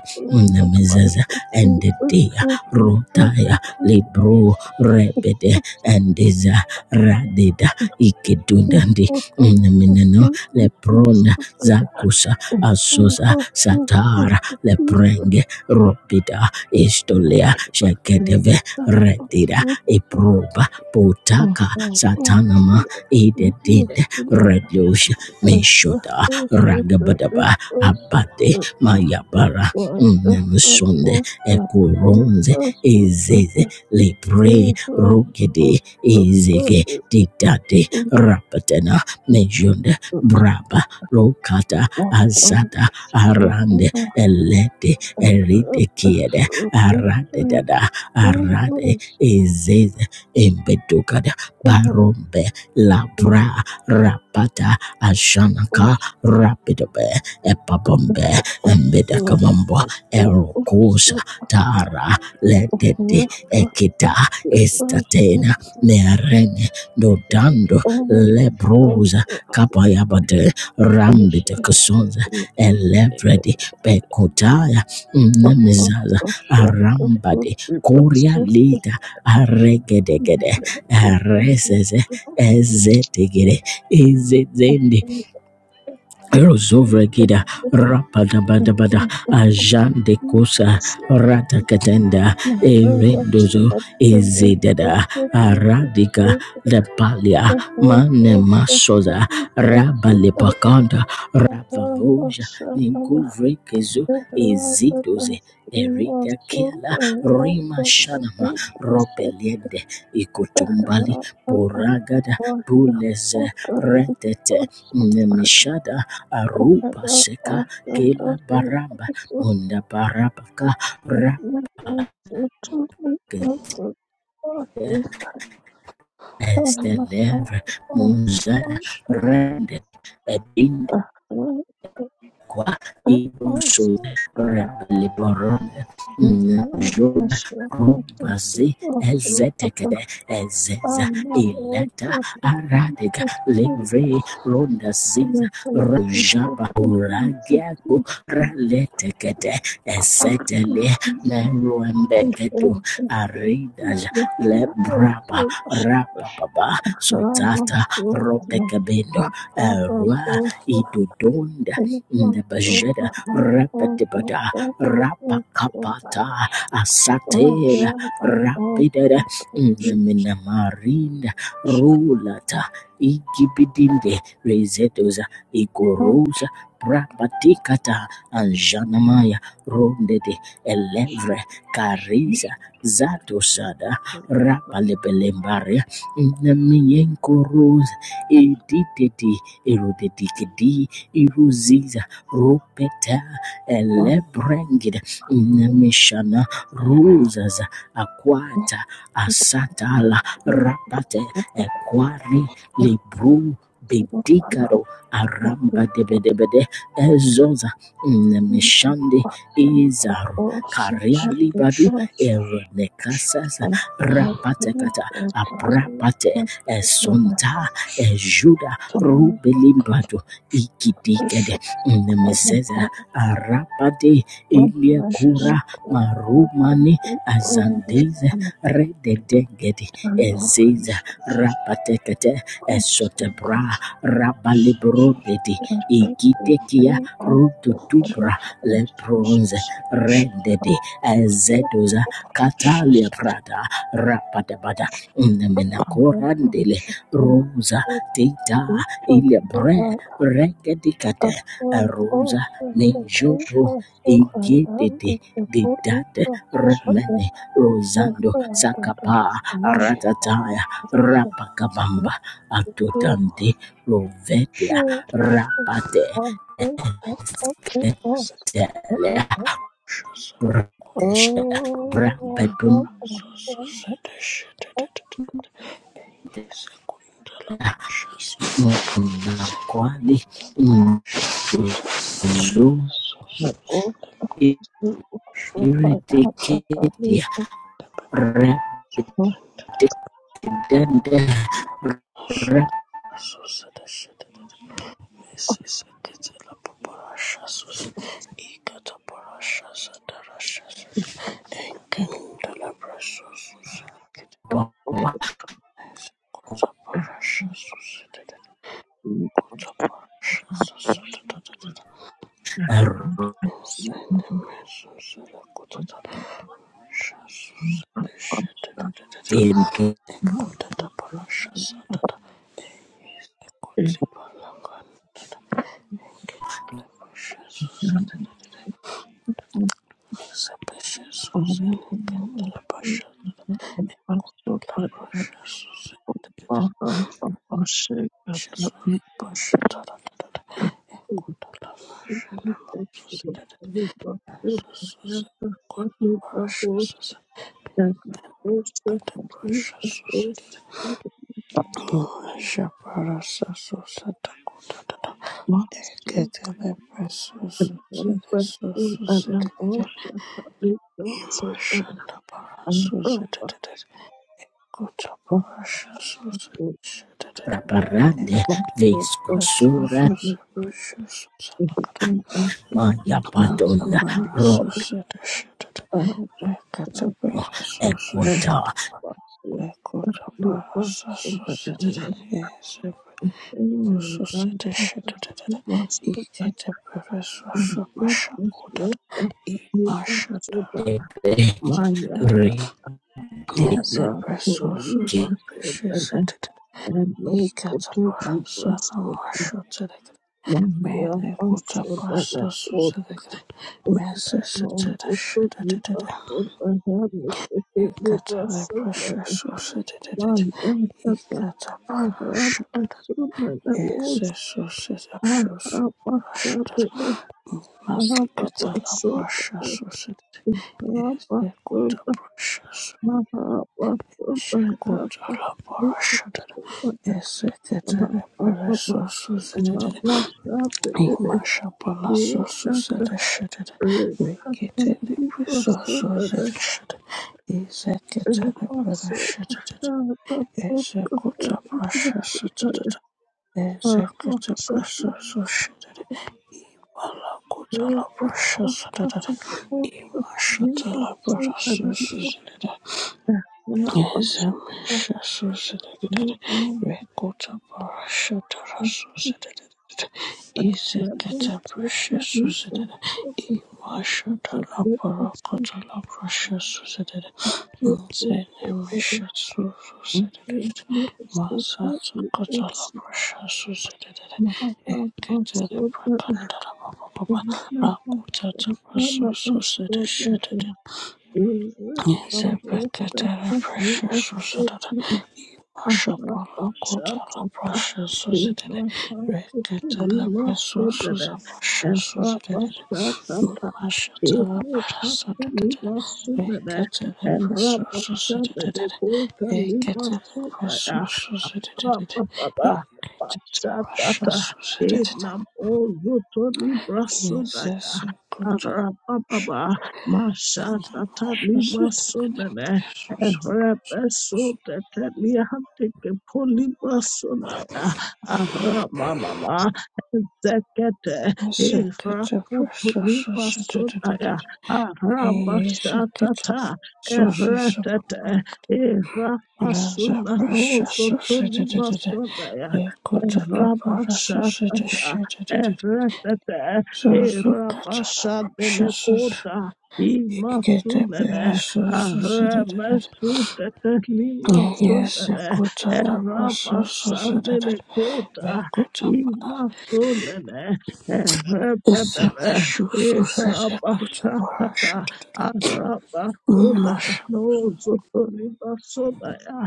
namizeza endedia rotaya libro
you.
rebede endiza radida ikedundandi namineno leprona zakusa asosa satara leprenge ropida
Thank
istolea shekedeve redida iproba potaka satanama idedinde redosha mishota ragabadaba abate mayabara nemusonde ekoronze ezeze lepre
is a
rogede ezege didade rapatena mejonde braba lokata azada arande elete erite kiede arade dada arade ezeze embedokada barombe labra rapata ashanaka rapidobe epabombe embedakamambo erokosa tara ledede ekita estatena merene dodando lebrosa kapayabade rambidekasonza elevredi pekotaya nemizaza arambade koria lita aregedegede reseze ezetegere ezezende
Thank
Rozovregida
you. Thank
Rapadabadabada Ajan de Kosa Ratakatenda Erendozo Ezedada Aradika Lepalia Manemasoza Rabalepakanda Rabavoja Ninkuvrekezo Ezidoze Erida Kela Rima Shanama Ropelende Ikotumbali Boragada Buleze Retete Nemishada arupa seka kela baramba munda barabaka rake
you. Also,
esteleve munzana rende ebin Qua incluso rapaliporon jura kubazi ezetekede ezeza ileta aradega livre ronda ziza rajaba uragiaku raletekete esetele
Ashes
meruembekedu aridaja lebraba rapababa sotata ropekabendo erua idudonde
I
ndebejede
my
repetibada rapakapata asatela rapidede neminamarinda rulata igibidinde rezetoza ikorosa prapatikata anjanamaya rondede elevre
you.
karisa zatosada rapalepelembaria nemiyenkorosa editete erodedikedi Iruziza rupeta elebrengida nemishana ruzas aquata asatala rapate equari libru bedicaro aramba debedebede ezoza nemishande izaru karia libadu eronekasasa rapatekata aprapate esonta ejuda rubelimbadu ikidikede nemezeza arapade eliakura marumani azandize rededegedi eziza
Congress
rapatekete
Thank you.
esotebra rabalibrodedi igitekia rututubra lebronze rendedi ezedoza katalia prada rapadabada neminakorandele rosa tita teta ilebre regedikate arosa nejoto egedede didate remene rosando sakapa ratataya rapakabamba atotante rovetia rapate etetele brateshela brabetun nakwali mtuzu
Oh, Thank
iridiketia Dende
Association
repola
Thank
rotende
you. Shazuri Pasha Tata Tata Ekota Lavasha Nama Susi Tata Susi Kota Parasha Susi Kota Parasha Susi Mulasha Parasha Susi Takota Tata
you.
Eketele Presusi Susi Tata Imashanda Parasusi Tata Kota Parasha Susi Tata Ek
raparande viscosura
Presusi Precious Susi
maya padona
Algebra
romo
associated algebra
equata
associated algebra associated algebra associated algebra associated imashada
debe
Maya,
selected
ridike
Mera,
algebra
Puri,
associated
Vasu, and no photo depressor
algebra associated
one year
Mele kuta
also that I
prasa
would
susedekre. Mese
no photo
setere
depressor I had the
Ikatala
depressor that
pressure
I
society
find and that I have a
Ikatapashadad
son that I
is
was
a society of
I have a son
Shosupashadad
that I have a
Masikatala
son
pressure
that
society
I have
is
a
a
son
Kuta
that
pressure
I have a son that I have a
Shekutala
little
parashadad
son
is a
that
Katala pressure society
I have a
Imasha
Yet
Palaso
after
society shadad
it happened,
Rikitili
he
pressure
also the
society shadad is a
and
Katala
also
pressure.
had that of
Executa
the
processus tata executa
was
processus shitty alakuta la
afraid that's what
processus tata
happened for the new
imashata la
also and I was
processus
there when I was
Rakutata
at the new alone and my mouth was to me, for the after that it was the also but I'm I'm Can't Thank you. Thank
prasusu sedede Zebedela precious Susanna Mashapala Kotala
you.
precious Susanna
Libra
Reketala precious Susanna Susanna Mashatala Parasatana Reketala precious Susanna Reketala precious Susanna Reketala precious Susanna Yes, Kotala Shakana Mashatala
Sonaya, Aramamama zekete
是的，这不是是是的的的的的，哎，是的，这是是是不不，那这不是是是的的的的，哎，我这这不是是是的是的的的的，是是可这的不是是是，一个的不是是是的的的的，也是我这的不是是是的的的，没我这不，是没是是是的，我这不是的的，嗯，是。
ifrakutulipa sudaya arabashatata eretete irapasuna nusutulipa sudaya erabashatata eretete irabashadenekuta imasunene aremesutete limasunene Rabasandele kota imasonene rebebebe irabashatata arabasonana nozotoribasonaya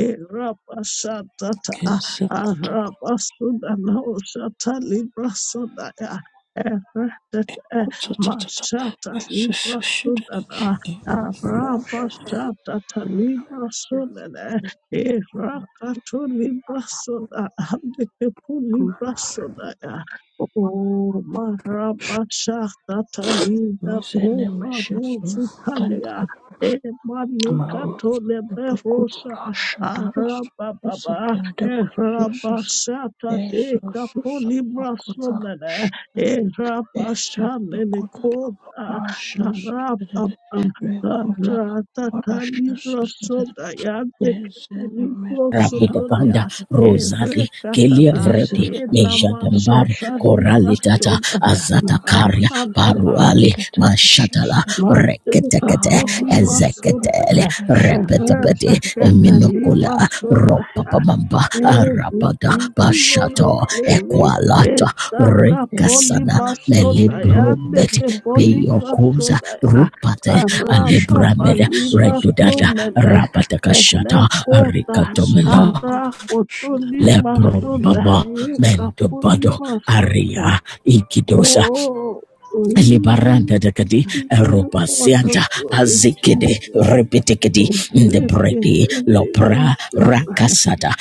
irabashatata
Yes, Kutapakutata,
arabasonana oshatalibrasonaya eretete mashata
Shishida,
librasonana
Iku,
arabashatata librasonene Erakato librasoda andikepu librasoda ya. O marabasha tatalida
Rosene,
kopa
Meshasu,
rozu
Karib,
talia. E
Maru,
manikato
Sepakutara,
leberosa
Shadaras,
arababa.
Susekende, Susus,
Erabasha talika
Esusus, Pakutara,
polibrasoda. ya.
Shadada,
Erabasha
Esekutara,
nenekota.
Parasha, Susidid, Rekutara,
Rata
Parasha,
calibro
Susidid,
soda yande
Ezene,
ketelibro
Mesusa,
Rabida
sotolia
banda
Pakata,
e
rosali kelia
recatata
vredi
e
Ezepakut, the
namasha
mejadambari
precious
calibra
korali
Susidid.
tata
soda
azata karia
Marusuze
Ahapapa
Paruali
bracketed issues
Mashatala
that
mate
Reketekete
katoli
Arusuze bracketed
masoda
Ezeketele
e
issues
rata
Repetebede
that
Minokula
ketelibra soda
Arusuze
Ropapamamba
Eh, we
Arabada
give you all the
Bashato
bracketed
glory.
Equalata
issues that
Ezaka poli
Rekasana
Jesus
masodaya,
Melibrobeti
neke
dedicated
poli
precious
Peyokuza
masodaya.
Rupate
Arapa
Alibrameda
Shatara
pali
Suze
Redudada
masomene,
that
Rabatakashata
enekota.
Suze
Rikatomino
Ara
Brahad Shada
kotoli
Every
Lebrobaba
masodaya, kapoli
Mentobado
masodaya.
Aria Ikidosa
Oh, we
Libaranda dekadi
give you all the
Robasianta
glory,
Azikede
Jesus.
Repetekedi
Ezeke
Ndebredi
teli
Lopra
masodaya.
Rakasata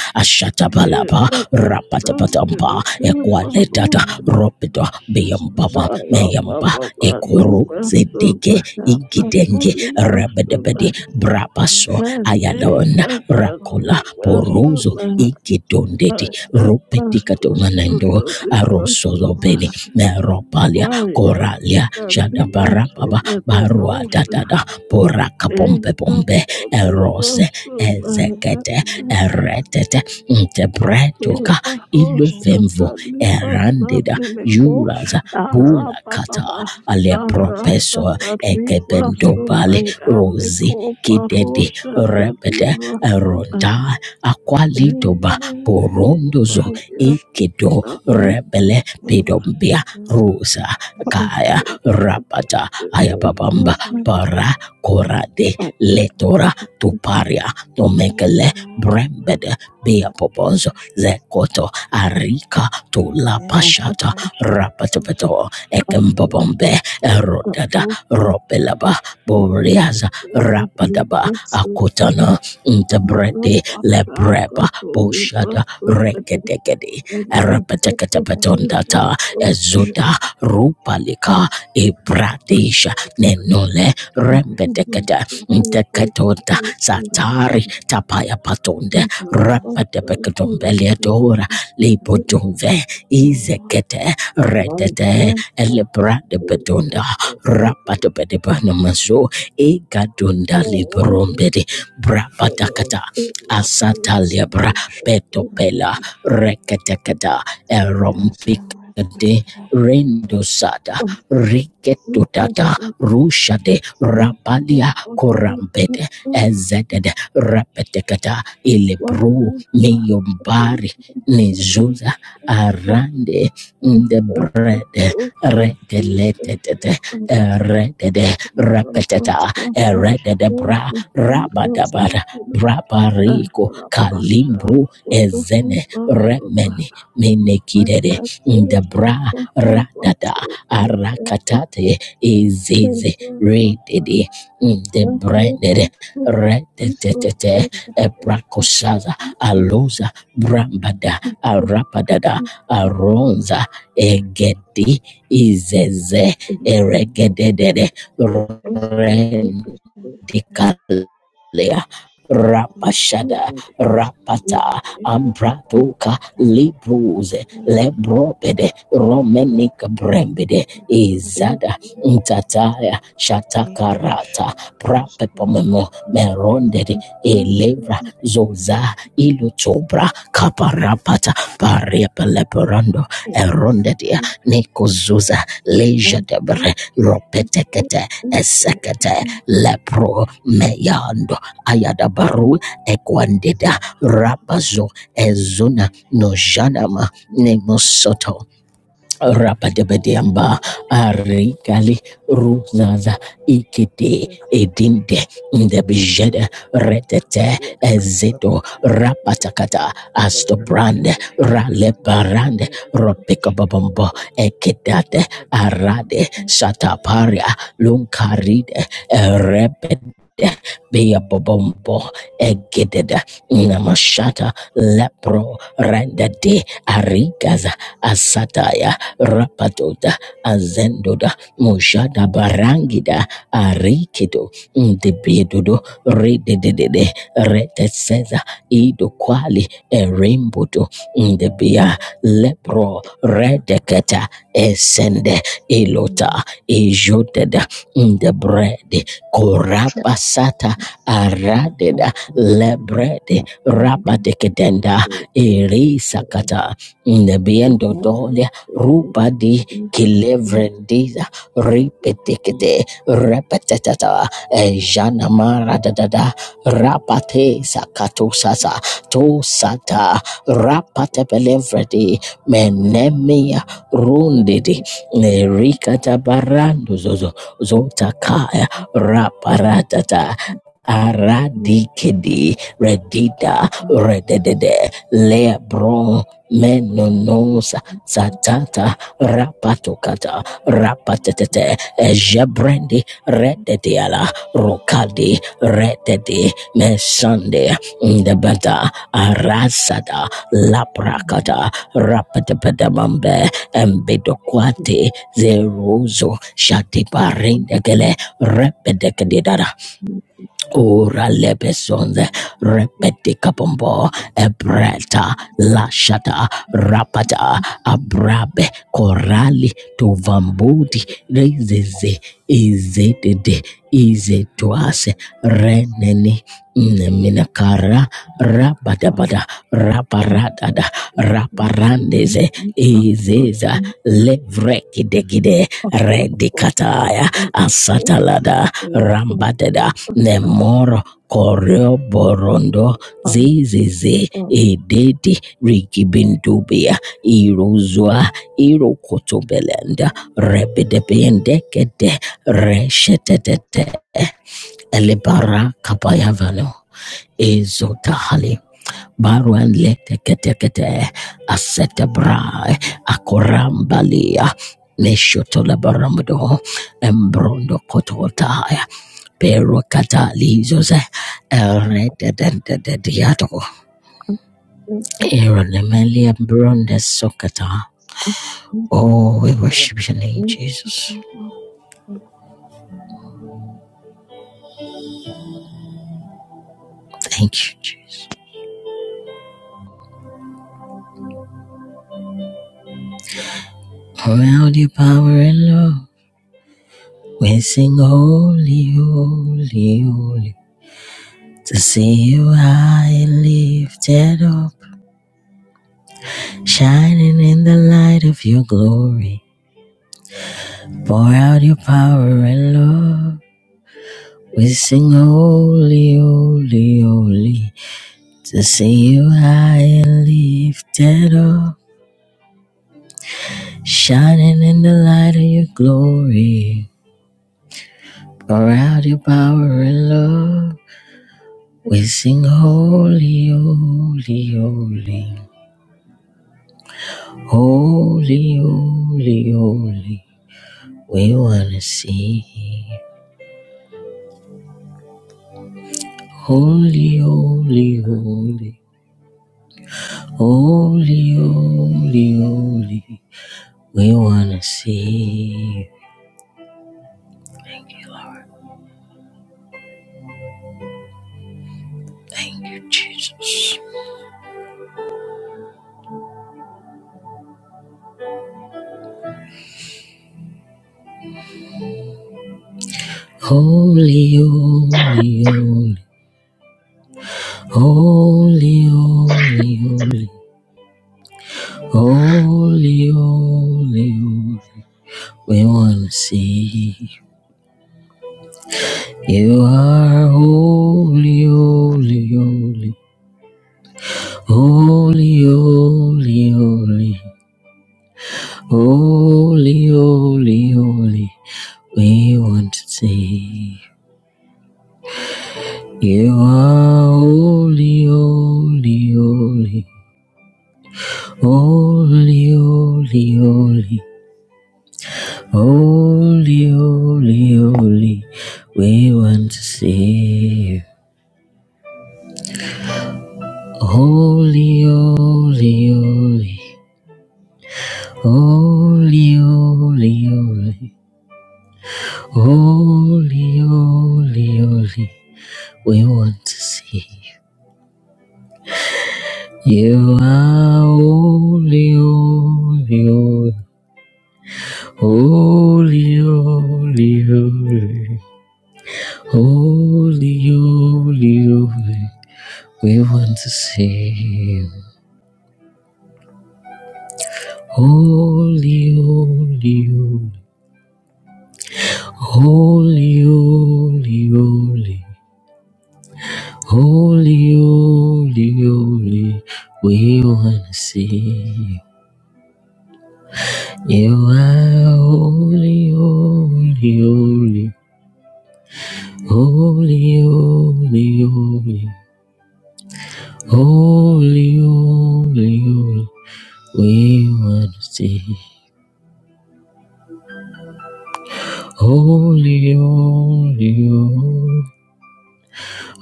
Lift
Ashatabalaba
up my son to
Rapatapatampa
The king of
Equaletata
us.
Ropido Beyambaba
I love, Yena masande lekeba rosha ara
Meyamba
baba bali
Ekuru Zedeke
masona kapa
Igidenge
Thank you.
kuli
Rebedebedi
masona
Is the
Brabaso
courage to
mene
cross
Ayalon
kata
the line
Rakula
ni
to
Poruzo
masona
Igidondeti
protect
aya masona
Rupetikatomanendo
toto ni masona
Arosolobeni Meropalia
maya
koralia
kuta ni
jadabara baba
masona
the
barua
people?
tenosha
dadada boraka pompe
eka
pompe
poti
erose
Is the
masona
desire
ezekete
to serve the
eretete
people? Is the determination to fight
ntebretoka
for
Limako,
iluvemvo
the people?
erandida
Is the
juraza
determination to
burakata
Arababa,
alepropeso
Arasatali,
ekebendobali
Rasudaya,
rosi
Niko,
kidede
Barosha, Tali,
repete eronta
Rasudaya,
akwalitoba borondozo
Elimaya,
ekedo
Tali,
rebele pedombia rosa kaya rapata ayababamba para korade letora tuparia tomekele brembede beapoponzo zekoto arika tulapashata
fight for the
rapatepeto
people?
ekembobombe erodada
Rasudaya,
robelaba boriaza rapadaba akotana
Thank
ntebrede lebreba boshada rekedegede
Let's
rapateketepetondata
push
ezuda rupalika
this
ibradisha nenole
angry
rembedekete nteketoda
virus
satari tapaya patonde
as support
repedebekedombeliadora libodumve izekete redete elebradebedonda rapadebedebanamazo igadunda librombedi brabadakata asatalebra
shatters
petopela
that
reketekeda
has a method
erompikede
of
Rendosada Riketutata Rushade Rapalia Korambete Ezedede Rapetekata Ilebru
you. Thank
Miyombari Nizuza Arande the bread Rekeletetete Redede Rapeteta redede Bra Rabadabara Brabariko Kalimbru Ezene Remeni Menekidede in the bra radada arakatate izizi redede de branded
this
redetete
question
ebrakoshaza aluza brambada
is
arapadada
open
aronza egedi
to
izeze eregedede
this
you.
television is
rendikalea
the
rapashada
Thank
rapata ambratoka
past
libruze lebrobe Romenika
and
Brembide
the
Izada Ntataya
damage
Shatakarata
was
Prapepomemo Merondede Elevra Zoza Ilutobra Kaparapata Parepeleperando Erondedia Nekozuza Lejadebre Ropetekete Esekete Lepro Meyando Ayadabaru Ekwandeda Rapazo Ezuna Nojanama Nemosoto Rapadabadiamba Arikali Ruzaza Ikiti Edinde Ndebijede Retete Ezedo Rapatakata Astobrand Ralebarand Ropekababombo Ekedate
Thank you.
Arade Sataparia Lunkaride Repede Bea Bobombo Egededa Namashata Lepro Rendade Arigaza Asataya rapadoda azendoda mojada barangida arikido ndebedodo rededede reteseza idokwali erembodo ndebia lepro redeketa esende ilota ijodeda ndebrede korapasata aradeda lebrede rapadekedenda erisakata ndebiendodole rupa di kilevrendida ripetekete repetata jana mara dadada rapate
of
sakato
the
sasa to sata rapate pelevredi menemia rundidi nerikata barando zozo zotakaya raparatata Aradikidi redida rededede lebron menonos satata rapatokata rapatete jebrendi redediala rokadi rededi mesande ndebata arasada laprakata rapatepedamambe embedokwate zeruzo shatiparindegele repedekadidara Ora lebesonde repetica pombo ebreta lashata rapata abrabe korali tovambudi rezeze izedede izetuase reneni neminakara rabadabada raparadada raparandeze izeza
you.
levrekidegide redikataya asatalada rambadeda Nemoro Koreo Borondo Zizizi
Thank
Ededi Rigibindubia Iruzua Irokotobelenda Rebedebiendekede Reshetetete Elibara Kapayavano Ezotahali barua leteketekete asetebra akorambalia meshotola baramdo, embrondo kototaya pero katalizos eredededediato eronemelia bronde sokata oh we worship your name jesus
first
thank you jesus around your power and love we sing holy holy holy To see you high lifted up, shining in the light of your glory. Pour out your power and love. We sing holy, holy, holy. To see you high and lifted up, shining in the light of your glory. Pour out your power and love. We sing holy, holy, holy. Holy, holy, holy. We wanna see holy, holy, holy, holy, holy, holy. We wanna see. Thank you, Jesus. Holy, holy, holy, holy, holy, holy, holy, holy, holy. We wanna see. You are holy, holy, holy, holy, holy, holy. Holy, holy, holy, we want to see. You are holy, holy, holy, holy, holy, holy, holy, holy, holy, we want to see. you. Holy, holy, holy, holy, holy, holy, holy, holy, holy, we want to see. You are holy, holy, holy, holy, holy, holy, holy, holy, We want to see you. Holy, holy, holy, holy, holy, holy, holy, holy, holy. We want to see you. You are holy, holy, holy. Holy, holy, holy, holy, holy, holy, we want to see. Holy, holy,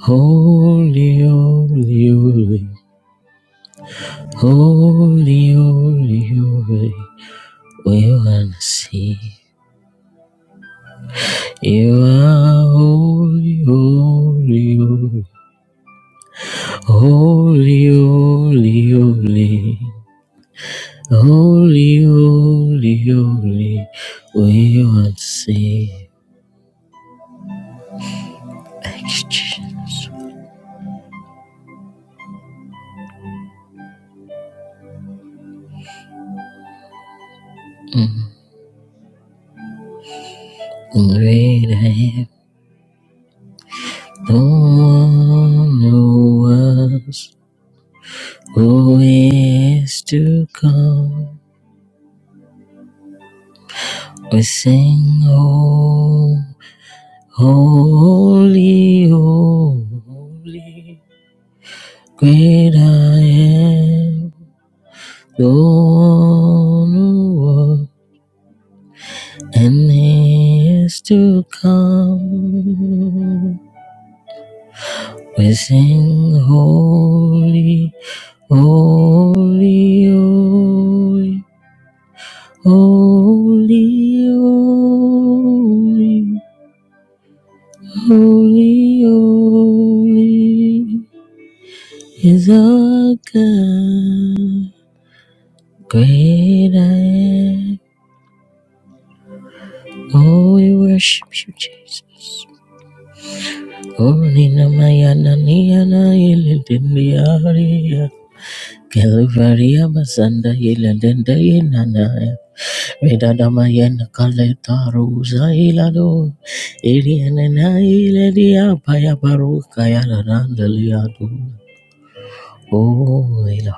holy, holy, holy, holy, holy, holy, holy, we want to see. You are holy, holy, holy, holy, holy, holy. Holy, holy, holy, we want to see action. Mm. Great I am, don't want no one who was, who is to come. We sing, oh, holy, oh, holy, great I am, don't want no one who was. And he is to come. We sing holy, holy, holy, holy, holy, holy, holy is our God. Great I am. Oh, we worship you, Jesus. Oh, Only Namayana Niana Ilitiniaria. Calvaria Masanda Yelenda Yenana Vedadama Yen Kaleta Rosa Ilado Irianana Iledia Paya Baruka Yananda Liado Oh Ilah.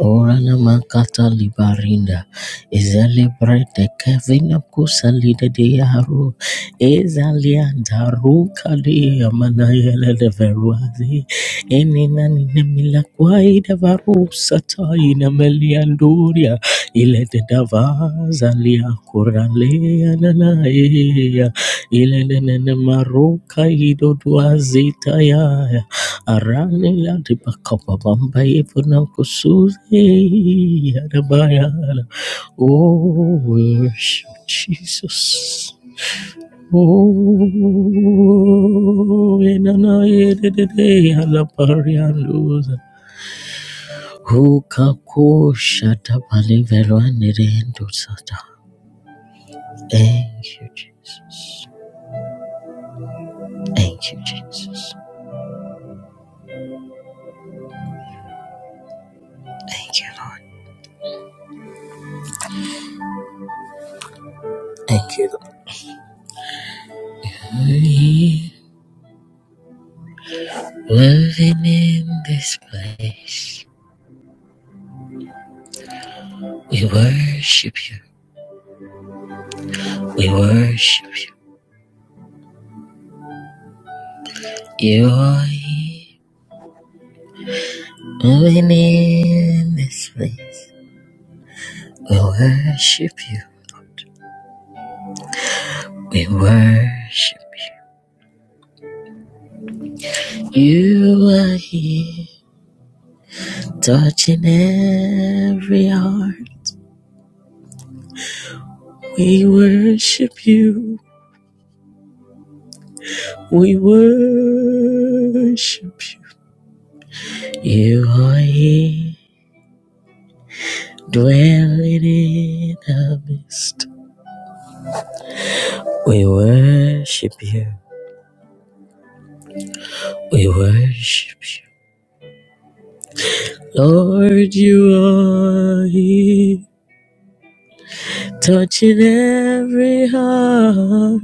Orana makata libarinda izelebrete kevina kusalida de yaro ezalianda ruka de amanayele de veruazi enina ninemila kwaida varusa taina melianduria ile de davaza lia kuralea nanaea ile de nene maruka ido duazita ya Arane la di bakapa bamba ye puna kusuze yarabaya. Oh, worship Jesus. Oh, enana ye de de de halaparianduza. Huka kusha tapali velwane rendu sata. Thank you, Jesus. Thank you, Jesus. Thank you, Lord. Thank you, Lord. Moving in this place. We worship you. We worship you. You are here, moving in this place. We worship you. We worship you. You are here, touching every heart. We worship you. We worship you. You are here, dwelling in the midst. We worship you. We worship you. Lord, you are here, touching every heart.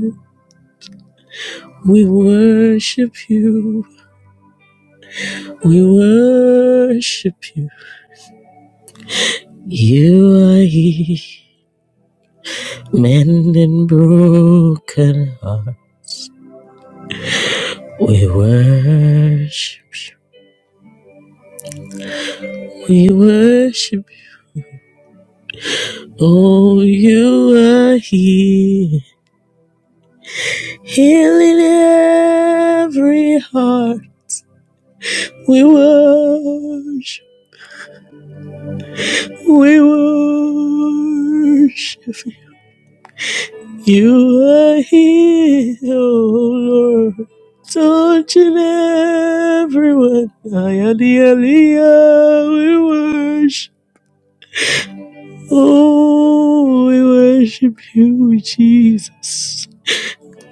We worship you, we worship you. You are here, mending broken heart. We worship you, we worship you. Oh, you are here, healing every heart. We worship. We worship you. You are here, oh Lord. Touching everyone. I am the Aliyah. We worship. Oh, we worship you, Jesus.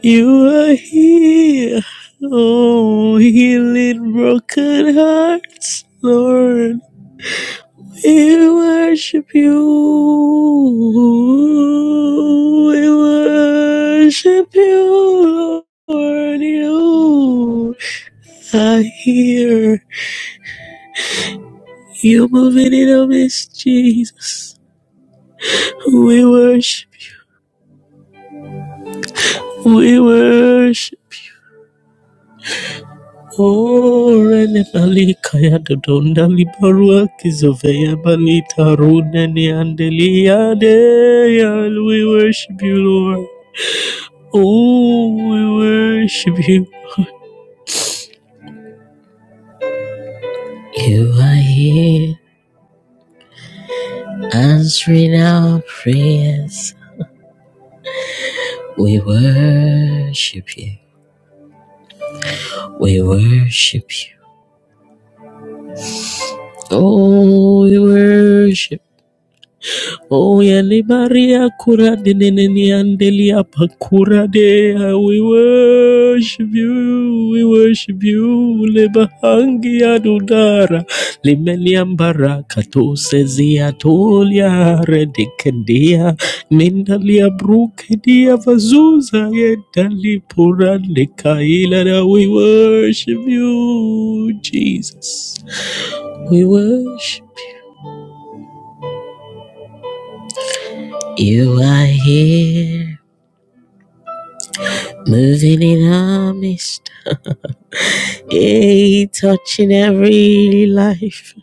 You are here. Oh, healing broken hearts, Lord. We worship you. We worship you, Lord. You are here. You moving in our midst, Jesus. We worship. We worship. Oh, rene bali kaya dodonda libarua kizoveya balita tarune ni andelia de. We worship you, Lord. Oh, we worship you. You are here, answering our prayers. We worship you. We worship you. Oh, we worship. Oh, yele Maria cura de neneni andelia pakura de. We worship you, we worship you. Le bahangi adudara, le meliambara kato sezia tolia redekendia. Mindalia bruke dia vazuza yedali purande kaila. da. We worship you, Jesus. We worship you are here. Moving in our midst, hey, touching every life,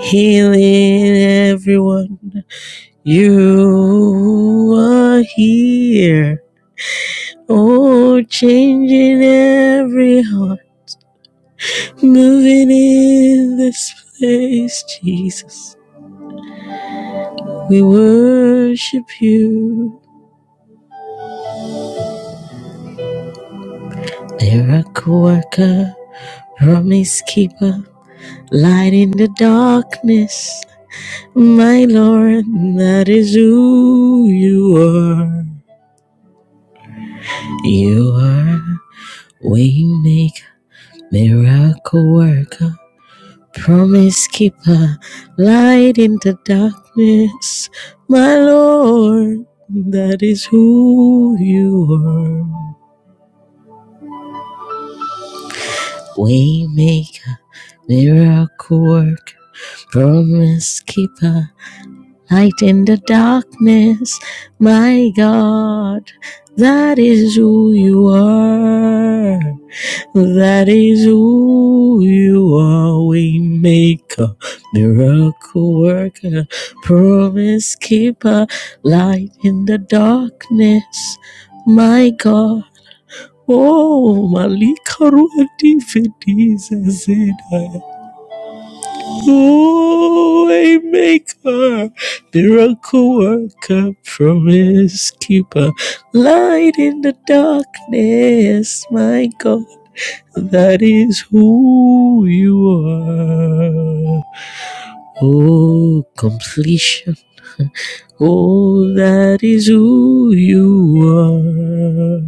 healing everyone. You are here, oh, changing every heart. Moving in this place, Jesus. We worship you, miracle worker, promise keeper, light in the darkness. My Lord, that is who you are. You are waymaker, miracle worker, promise keeper, light in the darkness. My Lord, that is who you are. Waymaker, miracle worker, promise keeper. Light in the darkness, my God, that is who you are. That is who you are. We make a miracle worker, promise keeper, light in the darkness, my God. Oh, Malika Ruati Fetiza Zedaya. Waymaker, miracle worker, promise keeper, light in the darkness, my God, that is who you are. Oh, completion. Oh, that is who you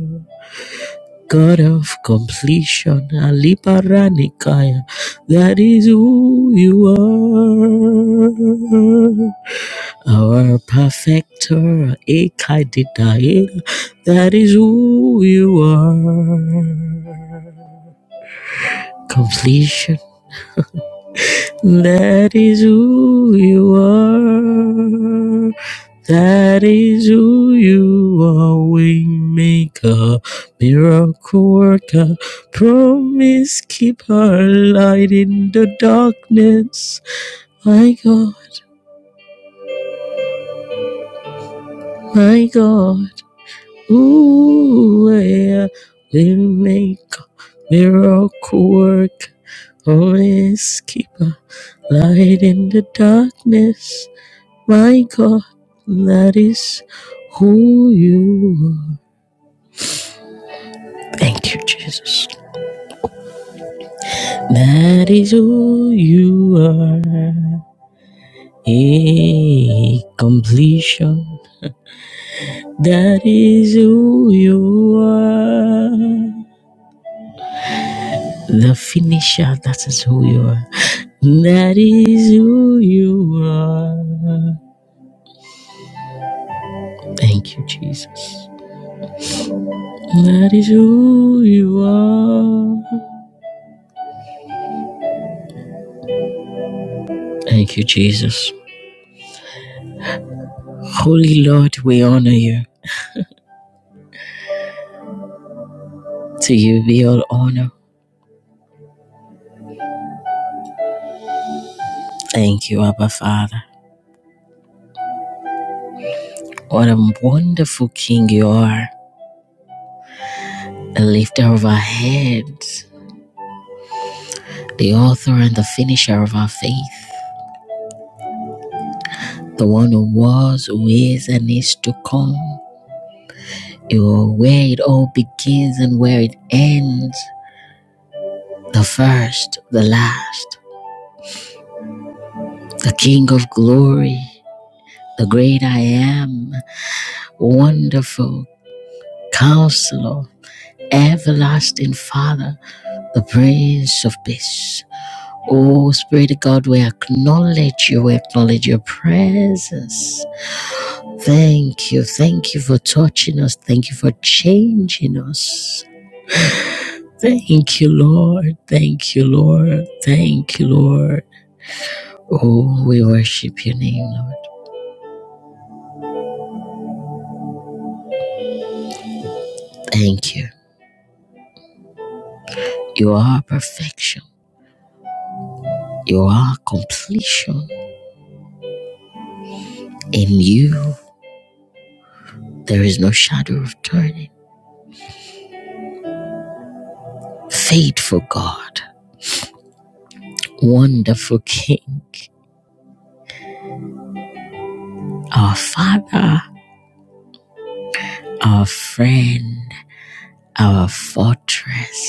are. God of completion, Aliparanikaya, that is who you are. Our perfecter, Ekadidaya, that is who you are. Completion That is who you are. That is who you are. Waymaker, miracle worker, promise keeper, light in the darkness. My God, my God, ooh, yeah. Waymaker, miracle worker, promise keeper, light in the darkness. My God, that is who you are. Thank you, Jesus. That is who you are. A completion. That is who you are. The finisher, that is who you are. That is who you are. Thank you, Jesus. That is who you are. Thank you, Jesus. Holy Lord, we honor you. To you be all honor. Thank you, Abba Father. What a wonderful King you are, the lifter of our heads, the author and the finisher of our faith, the one who was, who is, and is to come. You are where it all begins and where it ends, the first, the last, the King of glory, the great I am, wonderful, counselor, everlasting Father the Prince of Peace. Oh, Spirit of God, we acknowledge you, we acknowledge your presence. Thank you, thank you for touching us, thank you for changing us. Thank you, Lord, thank you, Lord, thank you, Lord. Oh, we worship your name, Lord. Thank you. You are perfection, you are completion. In you, there is no shadow of turning. Faithful God, wonderful King. our Father, our friend, our fortress.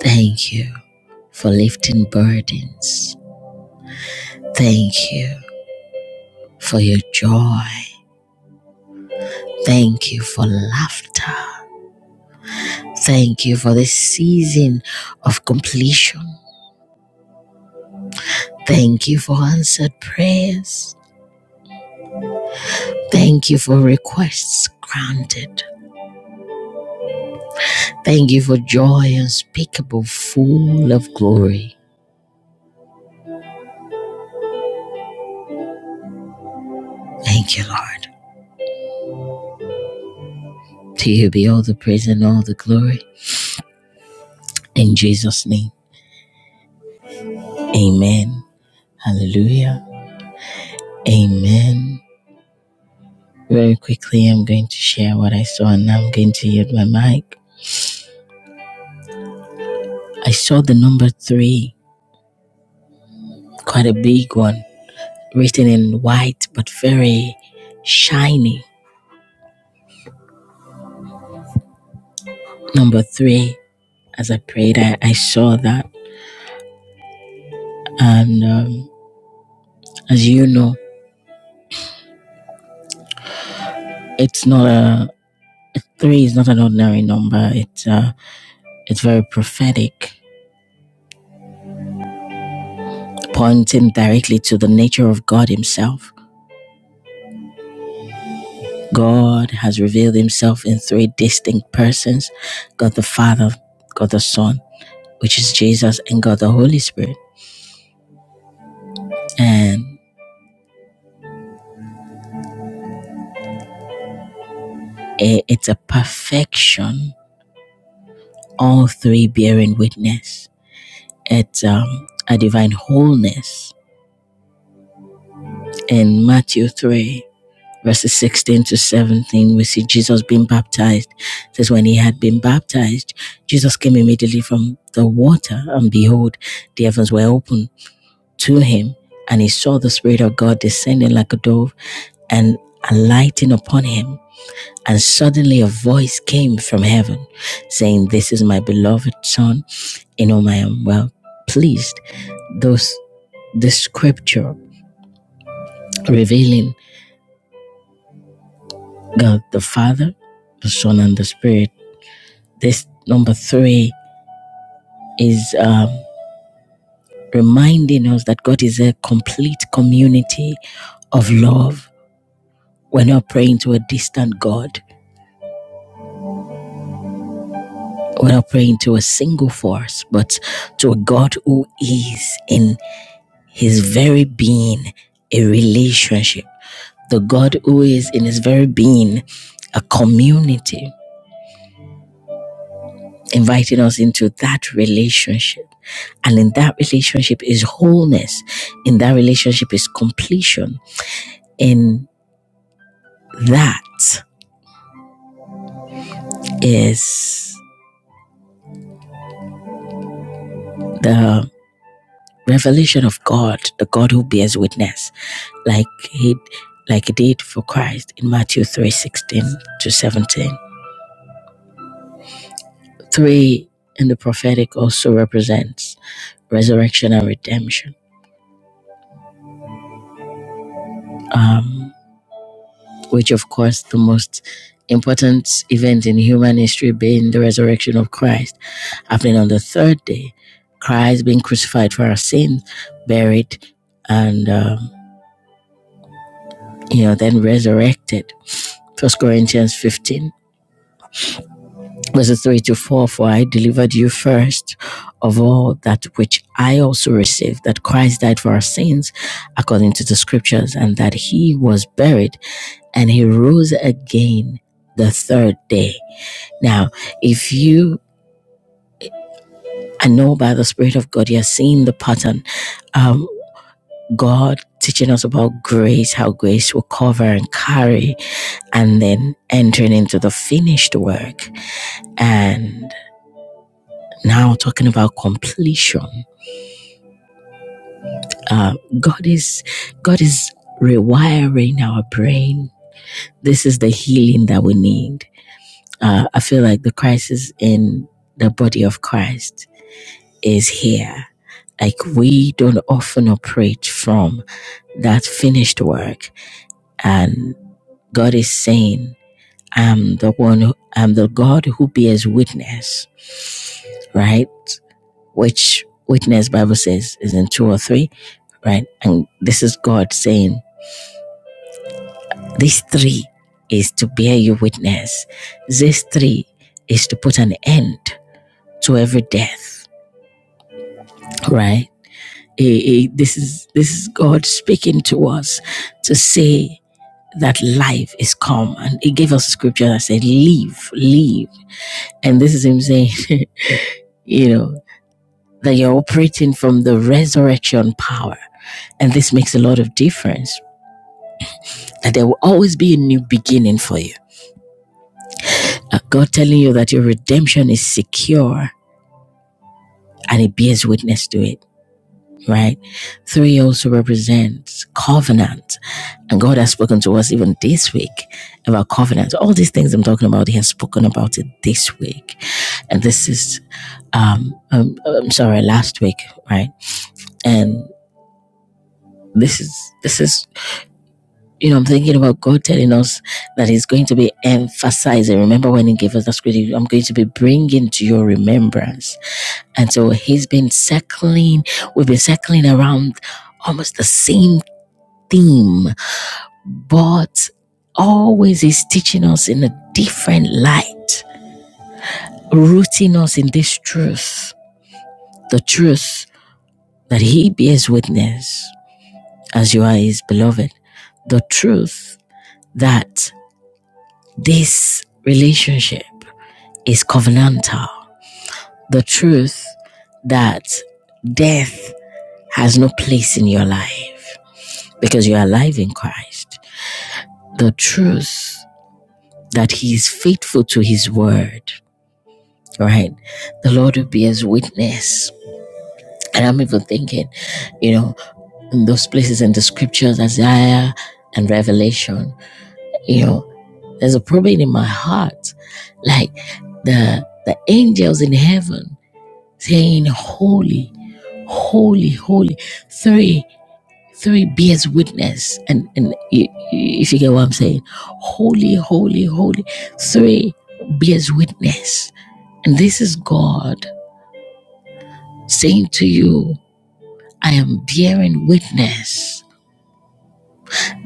Thank you for lifting burdens. Thank you for your joy. Thank you for laughter. Thank you for this season of completion. Thank you for answered prayers. Thank you for requests granted. Thank you for joy unspeakable, full of glory. Thank you, Lord. To you be all the praise and all the glory. In Jesus' name. Amen. Hallelujah. Amen. Very quickly, I'm going to share what I saw and I'm going to yield my mic. I saw the number three, quite a big one, written in white but very shiny. Number three, as I prayed, I, I saw that. And um, as you know, it's not a, three is not an ordinary number. It's, uh, it's very prophetic pointing directly to the nature of God Himself. God has revealed Himself in three distinct persons God the Father, God the Son, which is Jesus, and God the Holy Spirit. And it's a perfection, all three bearing witness. It's um, a divine wholeness. In Matthew 3, verses 16 to 17, we see Jesus being baptized. It says, When he had been baptized, Jesus came immediately from the water, and behold, the heavens were opened to him, and he saw the Spirit of God descending like a dove and alighting upon him. And suddenly a voice came from heaven saying, This is my beloved Son, in whom I am well pleased. Those the scripture revealing God the Father, the Son, and the Spirit This number three is um, reminding us that God is a complete community of love. We're not praying to a distant God. We're not praying to a single force, but to a God who is in his very being a relationship. The God who is in his very being a community, inviting us into that relationship. And in that relationship is wholeness. In that relationship is completion in that is the revelation of God, the God who bears witness, like he like he did for Christ in Matthew three sixteen to 17. Three in the prophetic also represents resurrection and redemption, um, which of course the most important event in human history being the resurrection of Christ, happening on the third day, Christ being crucified for our sins, buried, and um, you know, then resurrected. First Corinthians 15, verses 3 to 4, for I delivered you first of all that which I also received, that Christ died for our sins according to the scriptures, and that he was buried and he rose again the third day. Now, if you, I know by the Spirit of God, you're seeing the pattern. Um, God teaching us about grace, how grace will cover and carry and then entering into the finished work. And now talking about completion, uh, God is God is rewiring our brain. This is the healing that we need. Uh, I feel like the crisis in the body of Christ is here. Like we don't often operate from that finished work, and God is saying, "I'm the one. Who, I'm the God who bears witness." right? which Witness Bible says is in two or three, right? And this is God saying, these three is to bear you witness. These three is to put an end to every death, right? Eh, eh, This is this is God speaking to us to say that life is come, and He gave us a scripture that said, "Live, live," and this is Him saying, you know, that you're operating from the resurrection power, and this makes a lot of difference that there will always be a new beginning for you. Uh, God telling you that your redemption is secure and it bears witness to it, right? Three also represents covenant. And God has spoken to us even this week about covenant. All these things I'm talking about, He has spoken about it this week. And this is, um, um I'm sorry, last week, right? And this is, this is You know, I'm thinking about God telling us that He's going to be emphasizing. Remember when He gave us that scripture, I'm going to be bringing to your remembrance. And so He's been circling, we've been circling around almost the same theme, but always He's teaching us in a different light, rooting us in this truth, the truth that He bears witness as you are His beloved, the truth that this relationship is covenantal. The truth that death has no place in your life because you are alive in Christ. The truth that He is faithful to His word, right? The Lord will be His witness. And I'm even thinking, you know, in those places in the scriptures, Isaiah and Revelation, you know, there's a problem in my heart. Like the the angels in heaven saying, Holy, holy, holy. Three, three bears witness. And, and i- i- if you get what I'm saying, holy, holy, holy. Three bears witness. And this is God saying to you, I am bearing witness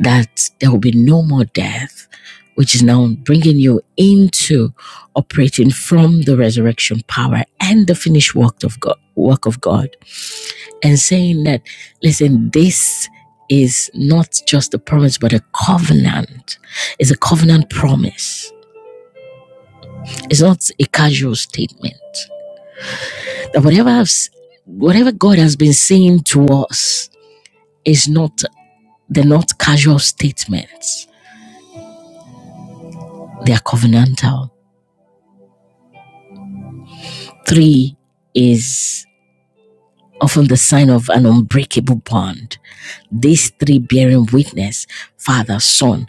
that there will be no more death, which is now bringing you into operating from the resurrection power and the finished work of God. Work of God. and saying that, listen, this is not just a promise, but a covenant. It's a covenant promise. It's not a casual statement. That whatever I've, whatever God has been saying to us is not, they're not casual statements. They are covenantal. Three is often the sign of an unbreakable bond. These three bearing witness, Father, Son,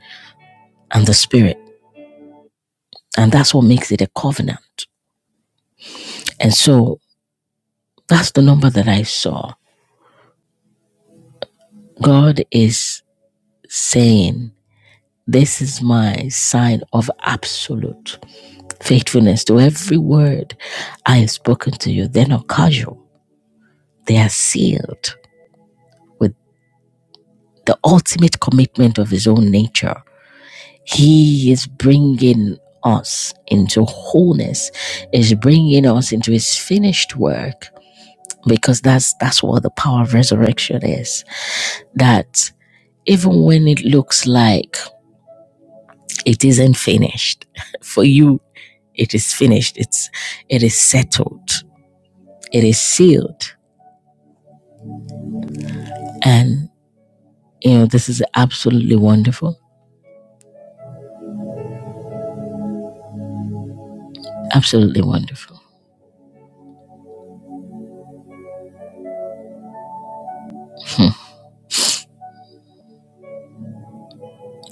and the Spirit. And that's what makes it a covenant. And so That's the number that I saw. God is saying, This is my sign of absolute faithfulness to every word I have spoken to you. They're not casual, they are sealed with the ultimate commitment of His own nature. He is bringing us into wholeness, is bringing us into His finished work because that's that's what the power of resurrection is. That even when it looks like It isn't finished. For you, it is finished. It's it is settled. It is sealed. And you know, this is absolutely wonderful. Absolutely wonderful.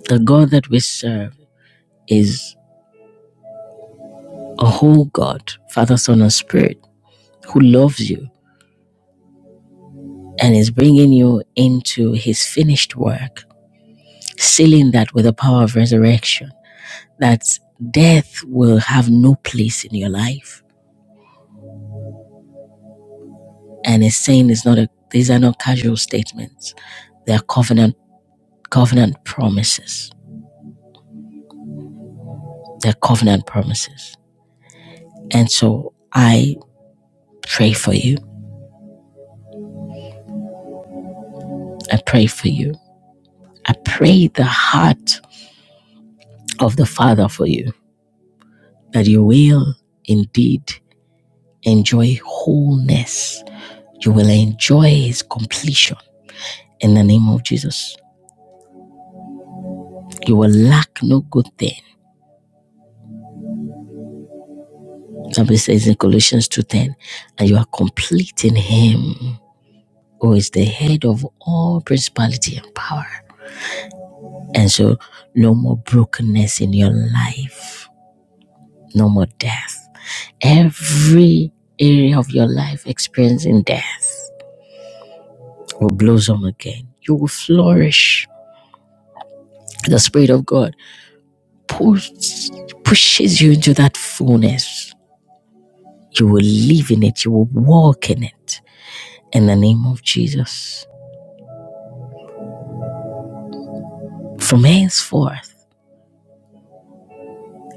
The God that we serve is a whole God, Father, Son, and Spirit, who loves you and is bringing you into his finished work, sealing that with the power of resurrection, that death will have no place in your life. And is saying it's not a, these are not casual statements Their covenant, covenant promises. Their covenant promises. And so I pray for you. I pray for you. I pray the heart of the Father for you that you will indeed enjoy wholeness. You will enjoy His completion in the name of Jesus. You will lack no good thing. Somebody says in Colossians 2.10, and you are complete in Him who is the head of all principality and power. And so, no more brokenness in your life, no more death. Every area of your life experiencing death will blossom again. You will flourish. The Spirit of God push, pushes you into that fullness. You will live in it, you will walk in it in the name of Jesus. From henceforth,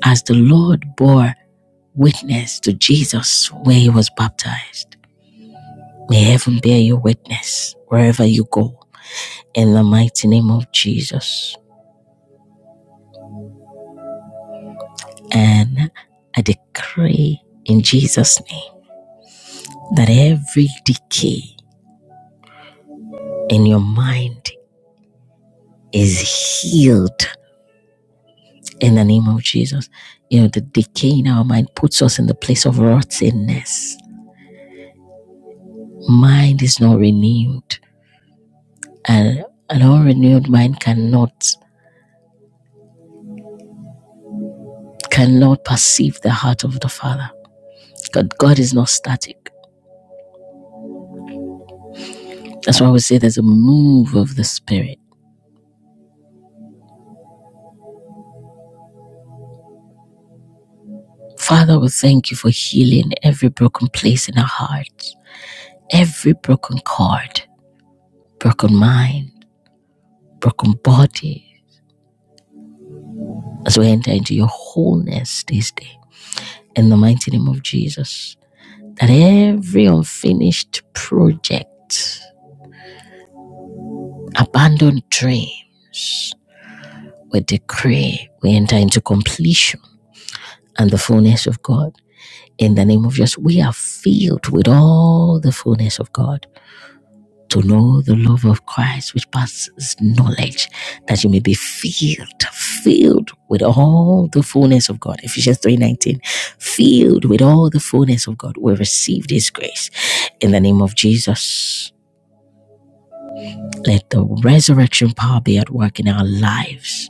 as the Lord bore witness to Jesus when he was baptized, May heaven bear you witness wherever you go in the mighty name of Jesus. And I decree in Jesus' name that every decay in your mind is healed in the name of Jesus. You know, the decay in our mind puts us in the place of rottenness. Mind is not renewed, and an unrenewed mind cannot cannot perceive the heart of the Father. God, God is not static. That's why we say there's a move of the Spirit. Father, we thank you for healing every broken place in our hearts, every broken cord, broken mind, broken body, as we enter into your wholeness this day. In the mighty name of Jesus, that every unfinished project, abandoned dreams, we decree, we enter into completion and the fullness of God. In the name of Jesus, we are filled with all the fullness of God. to know the love of Christ, which passes knowledge, that you may be filled, filled with all the fullness of God. Ephesians 3:19, filled with all the fullness of God. We receive this grace in the name of Jesus. Let the resurrection power be at work in our lives,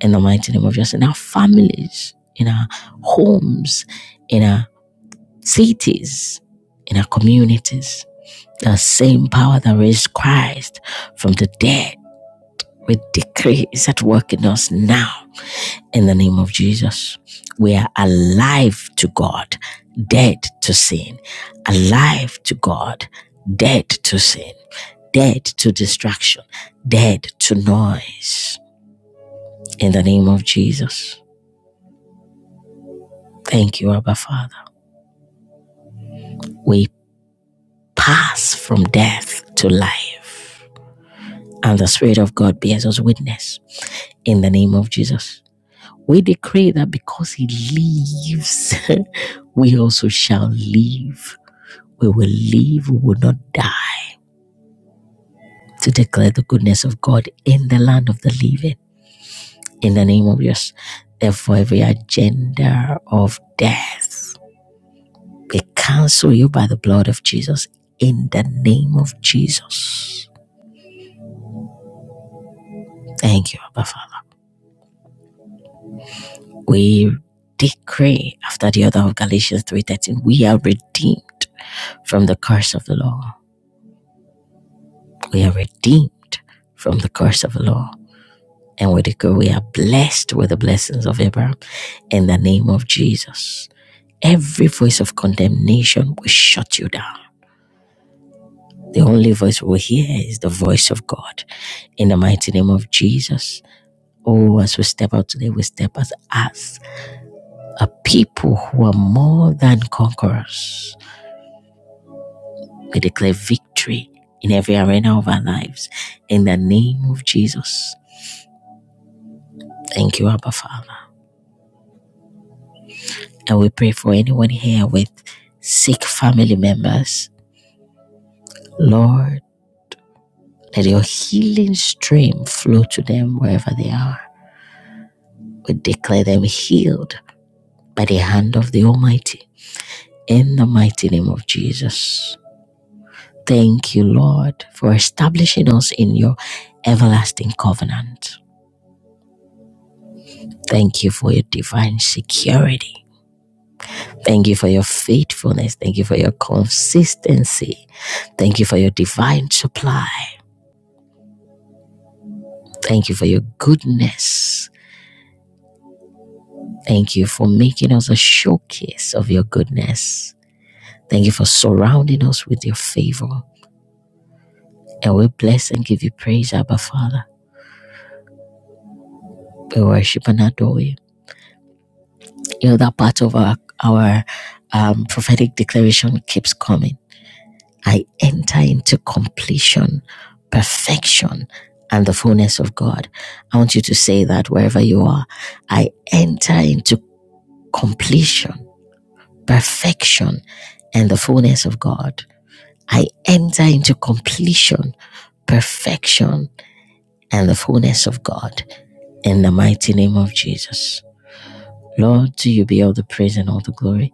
in the mighty name of Jesus, in our families, in our homes, in our cities, in our communities. The same power that raised Christ from the dead We decree is at work in us now in the name of Jesus. We are alive to God, dead to sin, alive to God, dead to sin, dead to distraction, dead to noise in the name of Jesus. Thank you, Abba Father. We pass from death to life, and the Spirit of God bears us witness in the name of Jesus. We decree that because he lives, we also shall live. We will live, we will not die. To declare the goodness of God in the land of the living. In the name of Jesus. Therefore, every agenda of death, we cancel you by the blood of Jesus. In the name of Jesus. Thank you, Abba Father. We decree after the order of Galatians 3:13, we are redeemed from the curse of the law. We are redeemed from the curse of the law. And we declare we are blessed with the blessings of Abraham in the name of Jesus. Every voice of condemnation will shut you down. The only voice we will hear is the voice of God. In the mighty name of Jesus. Oh, as we step out today, we step out as a people who are more than conquerors. We declare victory in every arena of our lives. In the name of Jesus. Thank you, Abba Father. And we pray for anyone here with sick family members. Lord, let your healing stream flow to them wherever they are. We declare them healed by the hand of the Almighty in the mighty name of Jesus. Thank you, Lord, for establishing us in your everlasting covenant. Thank you for your divine security. Thank you for your faithfulness. Thank you for your consistency. Thank you for your divine supply. Thank you for your goodness. Thank you for making us a showcase of your goodness. Thank you for surrounding us with your favor. And we bless and give you praise, Abba Father. We worship and adore you. You know, that part of our, our um, prophetic declaration keeps coming. I enter into completion, perfection, and the fullness of God. I want you to say that wherever you are. I enter into completion perfection and the fullness of God. I enter into completion, perfection, and the fullness of God in the mighty name of Jesus. Lord, to you be all the praise and all the glory.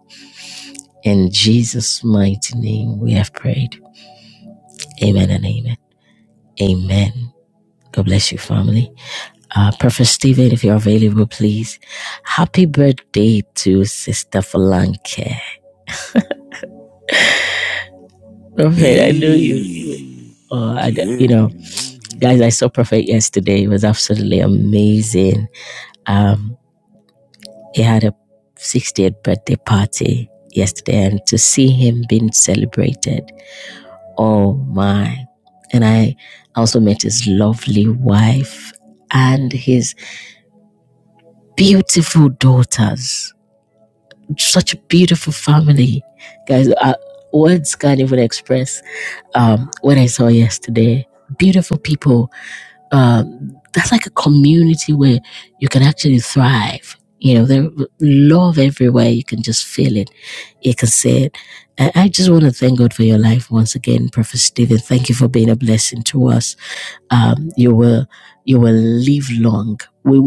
In Jesus' mighty name, we have prayed. Amen and amen. Amen. God bless you, family. Uh, Prophet Stephen, if you're available, please. Happy birthday to Sister Falanke. Prophet, I know you.
Hey,
Uh, I, you
good
know, Guys,
morning.
I saw Prophet yesterday. It was absolutely amazing. Um, he had a 60th birthday party yesterday, and to see him being celebrated, oh my. And I also met his lovely wife and his beautiful daughters. Such a beautiful family. Guys, uh, words can't even express um, what I saw yesterday. Beautiful people um, that's like a community where you can actually thrive. You know, there love everywhere. You can just feel it. You can see it. I, just want to thank God for your life once again, Prophet Stephen. Thank you for being a blessing to us. Um, you will you will live long. We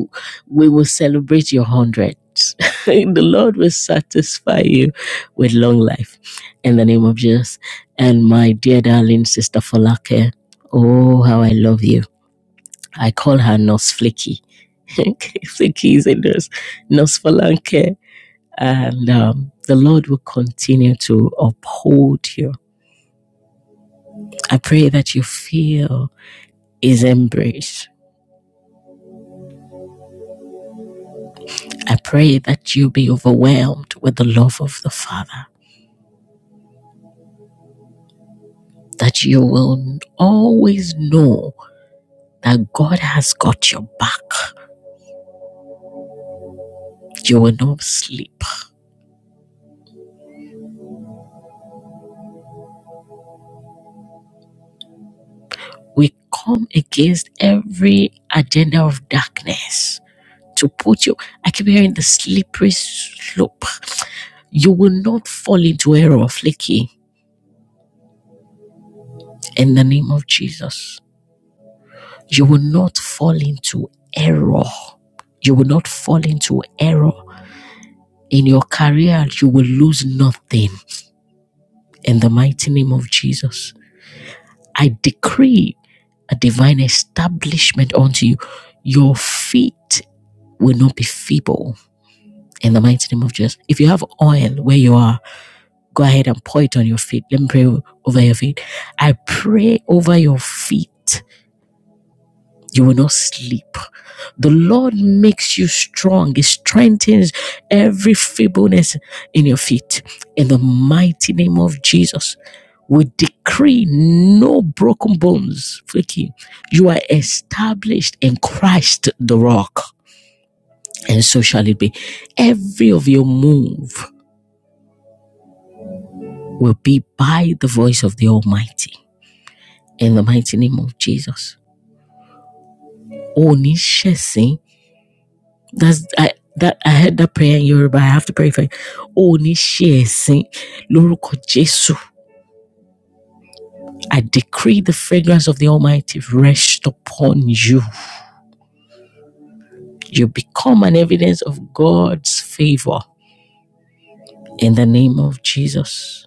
we will celebrate your hundreds. the Lord will satisfy you with long life in the name of Jesus. And my dear darling sister Falake, oh how I love you I call her Nurse Flaky. Flaky is a nurse, Nurse Falanke. And um, the Lord will continue to uphold you. I pray that you feel His embrace. I pray that you be overwhelmed with the love of the Father, that you will always know that God has got your back. You will not sleep. We come against every agenda of darkness to put you. I keep hearing the slippery slope. You will not fall into error, Flicky, in the name of Jesus. You will not fall into error. You will not fall into error. In your career, you will lose nothing in the mighty name of Jesus. I decree a divine establishment unto you. Your feet will not be feeble in the mighty name of Jesus. If you have oil where you are, Go ahead and pour it on your feet. Let me pray over your feet. I pray over your feet. You will not sleep. The Lord makes you strong. He strengthens every feebleness in your feet. In the mighty name of Jesus, we decree no broken bones. Freaky, you are established in Christ the rock. And so shall it be. Every of your move will be by the voice of the Almighty. in the mighty name of Jesus. Oni shesin. That's I that I heard that prayer in Yoruba. I have to pray for you. Oni shesin. Lórúkọ Jésù. I decree the fragrance of the Almighty rest upon you. You become an evidence of God's favor in the name of Jesus.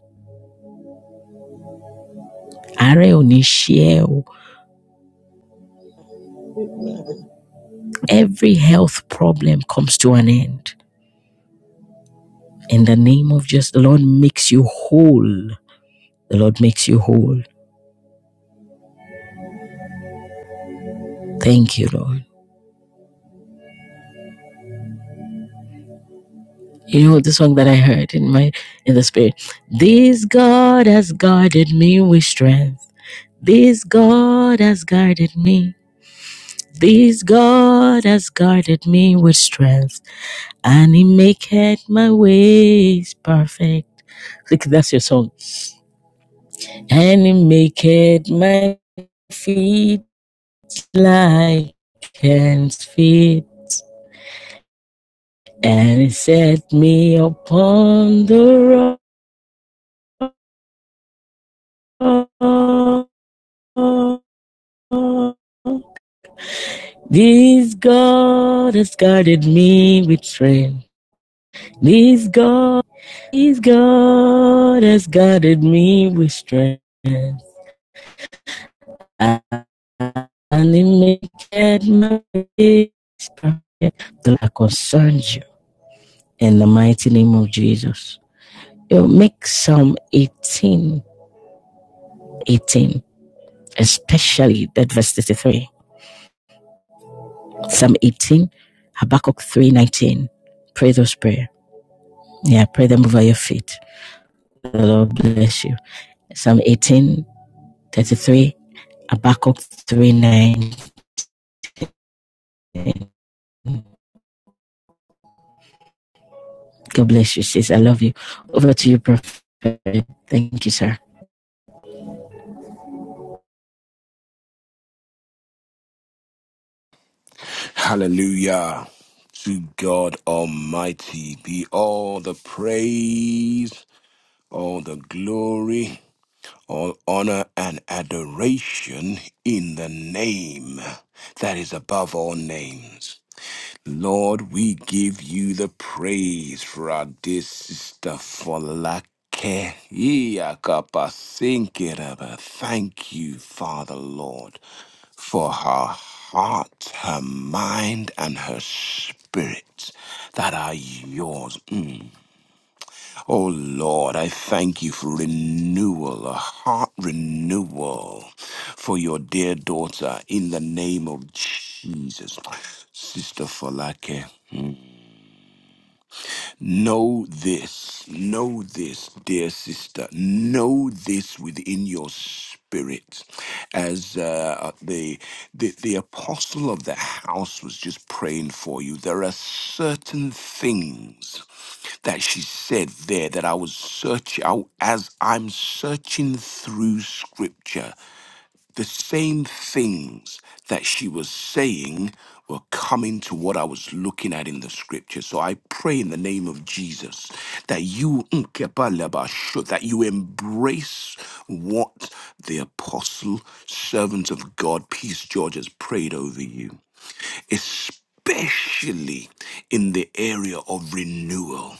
Àárẹ̀ ò ní ṣe ẹ́
you.
Every health problem comes to an end. In the name of Jesus, the Lord makes you whole. The Lord makes you whole. Thank you, Lord. You know the song that I heard in my in the spirit. This God has guarded me with strength. This God has guarded me. This God has guarded me with strength, and He maketh my ways perfect. Look, that's your song. And He maketh my feet like hands feet, and He set me upon the rock. This God has guided me with strength. This God, this God has guided me with strength. And He made my days bright. The concerns you in the mighty name of Jesus. You will make Psalm 18, 18, especially that verse 33. Psalm 18, Habakkuk 3 19. Pray those prayers. Yeah, pray them over your feet. The Lord bless you. Psalm eighteen thirty-three, 33, Habakkuk 3, 9. God bless you, sis. I love you. Over to you, Prophet. Thank you, sir.
Hallelujah. To God Almighty be all the praise, all the glory, all honor and adoration in the name that is above all names. Lord, we give you the praise for our dear sister Folake. Iyakapasinkeraba. Thank you, Father Lord, for her heart, her mind, and her spirit that are yours. Mm. Oh Lord, I thank you for renewal, a heart renewal for your dear daughter in the name of Jesus. Sister Folake. Know this, know this, dear sister, know this within your spirit. As uh, uh, the, the, the apostle of the house was just praying for you, there are certain things that she said there that I was searching, as I'm searching through scripture the same things that she was saying were coming to what I was looking at in the scripture. So I pray in the name of Jesus that you Nkebalabashu, that you embrace what the apostle, servant of God, Peace George has prayed over you. Especially in the area of renewal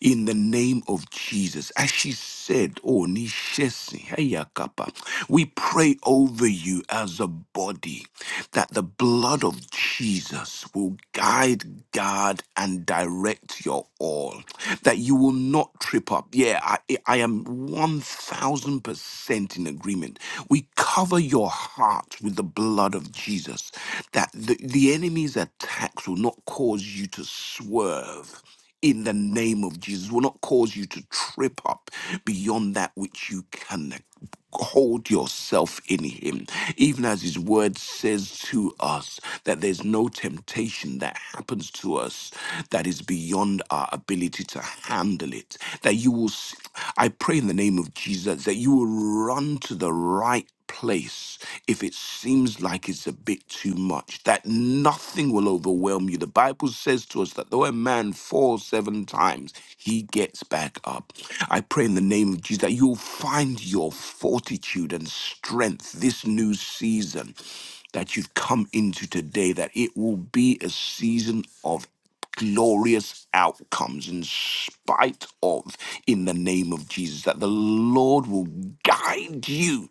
in the name of Jesus. As she said, Oh, Nishesi, Hayakapa, we pray over you as a body that the blood of Jesus will guide, guard, and direct your all, that you will not trip up. Yeah, I, I am 1000% in agreement. We cover your heart with the blood of Jesus, that the, the enemy's attacks will not cause you to swerve in the name of Jesus. It will not cause you to trip up beyond that which you can hold yourself in him even as his word says to us that there's no temptation that happens to us that is beyond our ability to handle it that you will I pray in the name of Jesus that you will run to the right place if it seems like it's a bit too much, that nothing will overwhelm you. The Bible says to us that though a man falls seven times, he gets back up. I pray in the name of Jesus that you'll find your fortitude and strength this new season that you've come into today, that it will be a season of glorious outcomes in spite of in the name of Jesus, that the Lord will guide you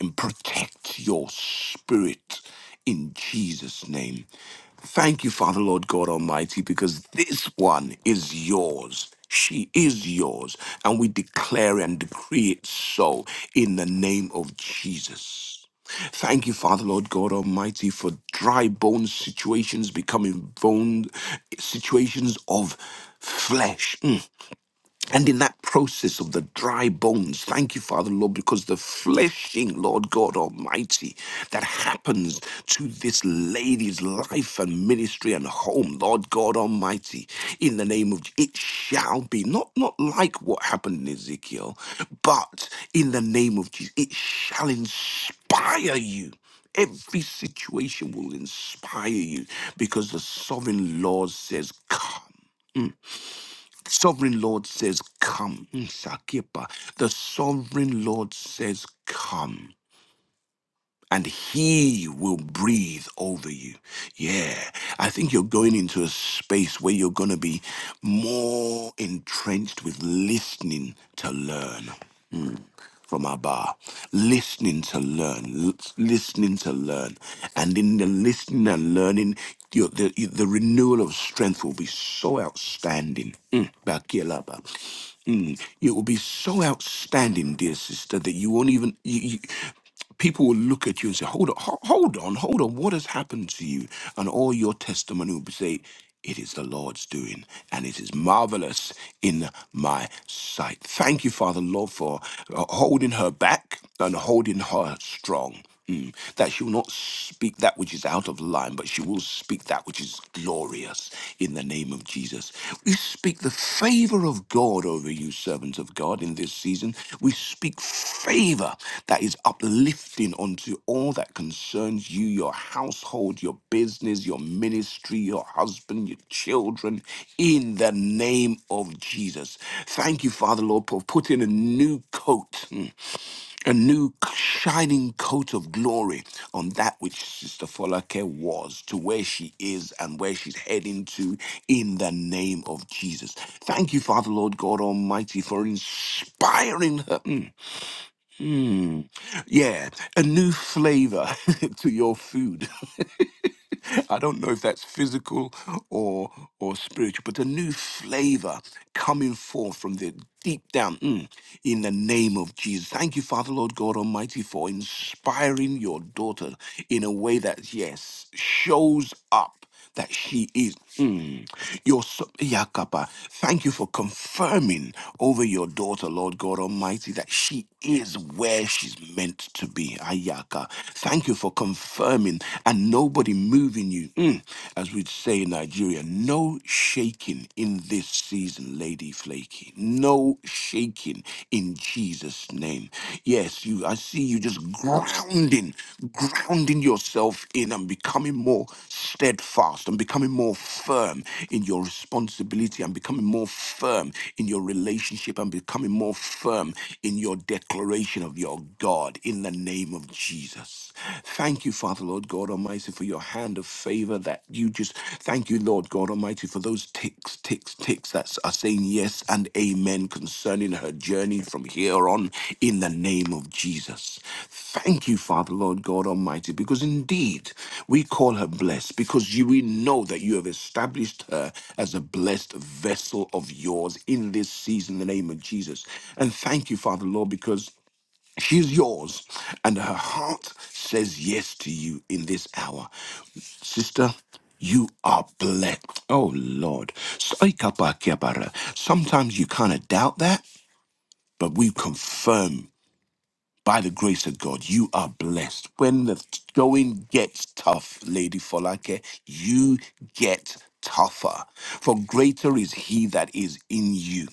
and protect your spirit in Jesus' name. Thank you, Father, Lord God Almighty, because this one is yours. She is yours. And we declare and decree it so in the name of Jesus. Thank you, Father, Lord God Almighty, for dry bone situations becoming bone situations of flesh. Mm. And in that process of the dry bones, thank you, Father, Lord, because the fleshing, Lord God Almighty, that happens to this lady's life and ministry and home, Lord God Almighty, in the name of it shall be not not like what happened in Ezekiel, but in the name of Jesus, it shall inspire you. Every situation will inspire you because the sovereign Lord says, Come. Sovereign Lord says, Come. Mm, Sakipa. The sovereign Lord says, Come. And he will breathe over you. Yeah. I think you're going into a space where you're going to be more entrenched with listening to learn from Abba, listening to learn, l- listening to learn. And in the listening and learning, your, the, the renewal of strength will be so outstanding. Mm. Bakilaba. Mm. It will be so outstanding, dear sister, that you won't even. You, you, people will look at you and say, "Hold on, ho- hold on, hold on. What has happened to you?" And all your testimony will say, "It is the Lord's doing, and it is marvelous in my sight." Thank you, Father, Lord, for uh, holding her back and holding her strong. Mm. that she will not speak that which is out of line, but she will speak that which is glorious in the name of Jesus. We speak the favor of God over you, servants of God, in this season. We speak favor that is uplifting unto all that concerns you, your household, your business, your ministry, your husband, your children, in the name of Jesus. Thank you, Father Lord, for putting a new coat. mm, a new shining coat of glory on that which Sister Folake was to where she is and where she's heading to in the name of Jesus. Thank you, Father, Lord God Almighty, for inspiring her. Mm, mm. Yeah, a new flavor to your food. I don't know if that's physical or or spiritual, but a new flavor coming forth from the deep down mm, in the name of Jesus. Thank you, Father, Lord God Almighty, for inspiring your daughter in a way that, yes, shows up that she is. Mm, your so, Yakapa, thank you for confirming over your daughter, Lord God Almighty, that she is where she's meant to be. Ayaka, thank you for confirming and nobody moving you. Mm. As we'd say in Nigeria, no shaking in this season, Lady Flaky. No shaking in Jesus' name. Yes, Yes, you. I see you just grounding, grounding yourself in and becoming more steadfast and becoming more firm in your responsibility and becoming more firm in your relationship and becoming more firm in your declaration of your God in the name of Jesus. Thank you, Father, Lord God Almighty, for your hand of favor that you just thank you, Lord. Lord God Almighty, for those ticks, ticks, ticks that are saying yes and amen concerning her journey from here on in the name of Jesus. Thank you, Father, Lord God Almighty, because indeed we call her blessed because you, we know that you have established her as a blessed vessel of yours in this season, in the name of Jesus. And thank you, Father, Lord, because She's yours, and her heart says yes to you in this hour. Sister, you are blessed. Oh, Lord. Sometimes you kind of doubt that, but we confirm by the grace of God, you are blessed. When the going gets tough, Lady Folake, you get tougher. For greater is he that is in you.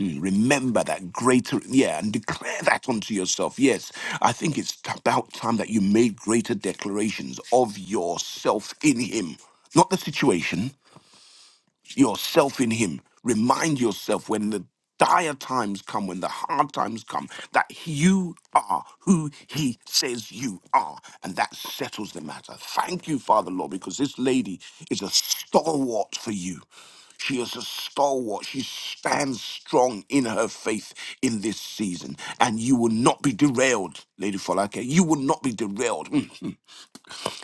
Mm, Remember that greater, yeah, and declare that unto yourself. Yes, I think it's about time that you made greater declarations of yourself in Him, not the situation, yourself in him remind yourself when the dire times come when the hard times come that you are who he says you are and that settles the matter thank you father lord because this lady is a stalwart for you she is a stalwart. She stands strong in her faith in this season. And you will not be derailed, Lady Falake. You will not be derailed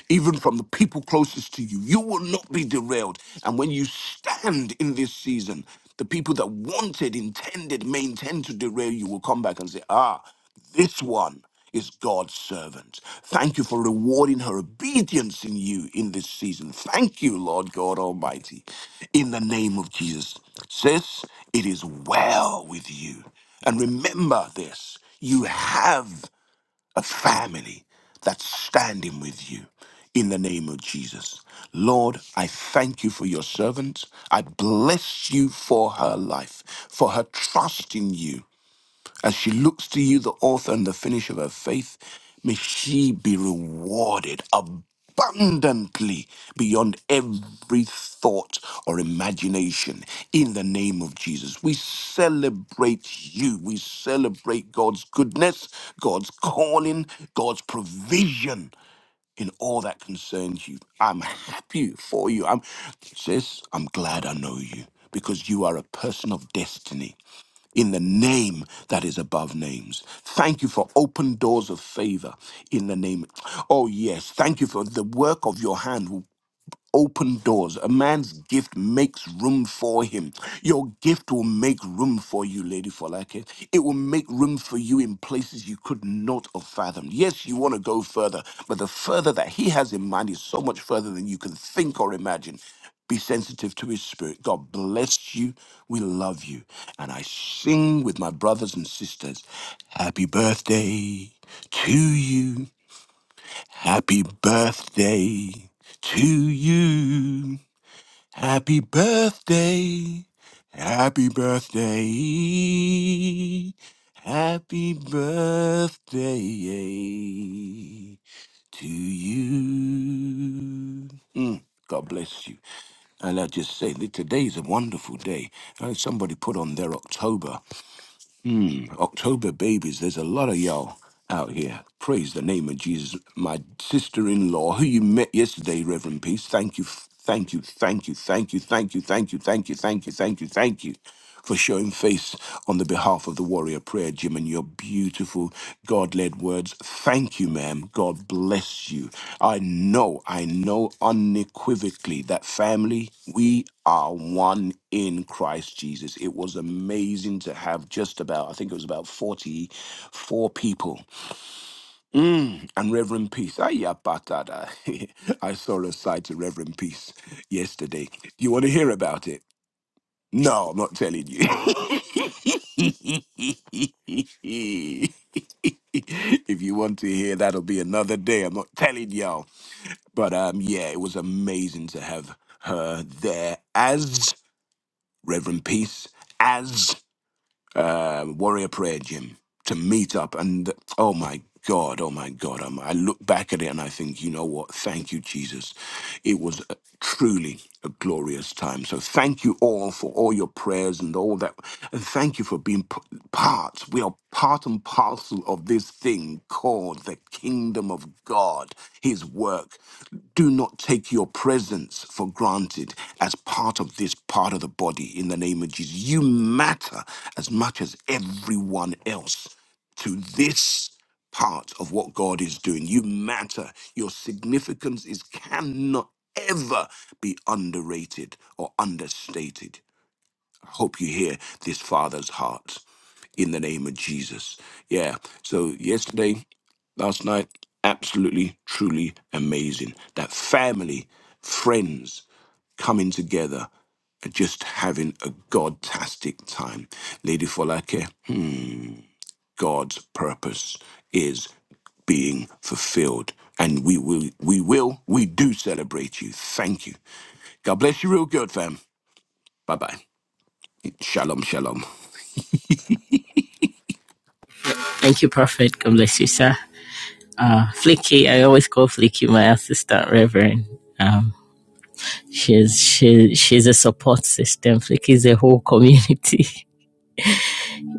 even from the people closest to you. You will not be derailed. And when you stand in this season, the people that wanted, intended, may intend to derail you will come back and say, ah, this one is God's servant. Thank you for rewarding her obedience in you in this season. Thank you, Lord God Almighty, in the name of Jesus. Sis, it is well with you. And remember this you have a family that's standing with you in the name of Jesus. Lord, I thank you for your servant. I bless you for her life, for her trust in you. As she looks to you, the author and the finisher of her faith, may she be rewarded abundantly beyond every thought or imagination in the name of Jesus. We celebrate you. We celebrate God's goodness, God's calling, God's provision in all that concerns you. I'm happy for you. I'm sis, I'm glad I know you because you are a person of destiny in the name that is above names. Thank you for open doors of favor in the name. Oh, yes. Thank you for the work of your hand open doors. A man's gift makes room for him. Your gift will make room for you, Lady Folake. It will make room for you in places you could not have fathomed. Yes, you want to go further, but the further that he has in mind is so much further than you can think or imagine. Be sensitive to his spirit. God bless you. We love you. And I sing with my brothers and sisters, Happy birthday to you. Happy birthday to you. Happy birthday. Happy birthday. Happy birthday eh, to you. Mm, God bless you. And I just say that today's a wonderful day. Uh, Somebody put on their October. Mm, October babies, there's a lot of y'all out here. Praise the name of Jesus. My sister in law, who you met yesterday, Reverend Peace, thank you. Thank you, thank you, thank you, thank you, thank you, thank you, thank you, thank you, thank you, thank you for showing face on the behalf of the Warrior Prayer Gym and your beautiful God led words. Thank you, ma'am. God bless you. I know, I know unequivocally that family, we are one in Christ Jesus. It was amazing to have just about, I think it was about 44 people. Mm, and Reverend Peace, ayapatada. I saw a sight to Reverend Peace yesterday. You want to hear about it? No, I'm not telling you. if you want to hear, that'll be another day. I'm not telling y'all. But um, yeah, it was amazing to have her there as Reverend Peace, as uh, warrior prayer gym to meet up. And oh my God, oh my God, um, I look back at it and I think, you know what? Thank you, Jesus. It was a, truly a glorious time. So thank you all for all your prayers and all that. And thank you for being p- part hearts. We are part and parcel of this thing called the kingdom of God, his work. Do not take your presence for granted as part of this part of the body in the name of Jesus. You matter as much as everyone else to this part of what God is doing. You matter. Your significance is cannot ever be underrated or understated I hope you hear this father's heart in the name of Jesus. Yeah. So yesterday, last night, absolutely, truly amazing. That family, friends coming together and just having a godtastic time. Lady Folake, God's purpose is being fulfilled. And we will, we will, we do celebrate you. Thank you. God bless you real good, fam. Bye bye. Shalom, shalom.
Thank you, Prophet. God bless you, sir. Uh, Flicky, I always call Flicky my assistant reverend. Um, she's she, she's a support system. Flicky is a whole community.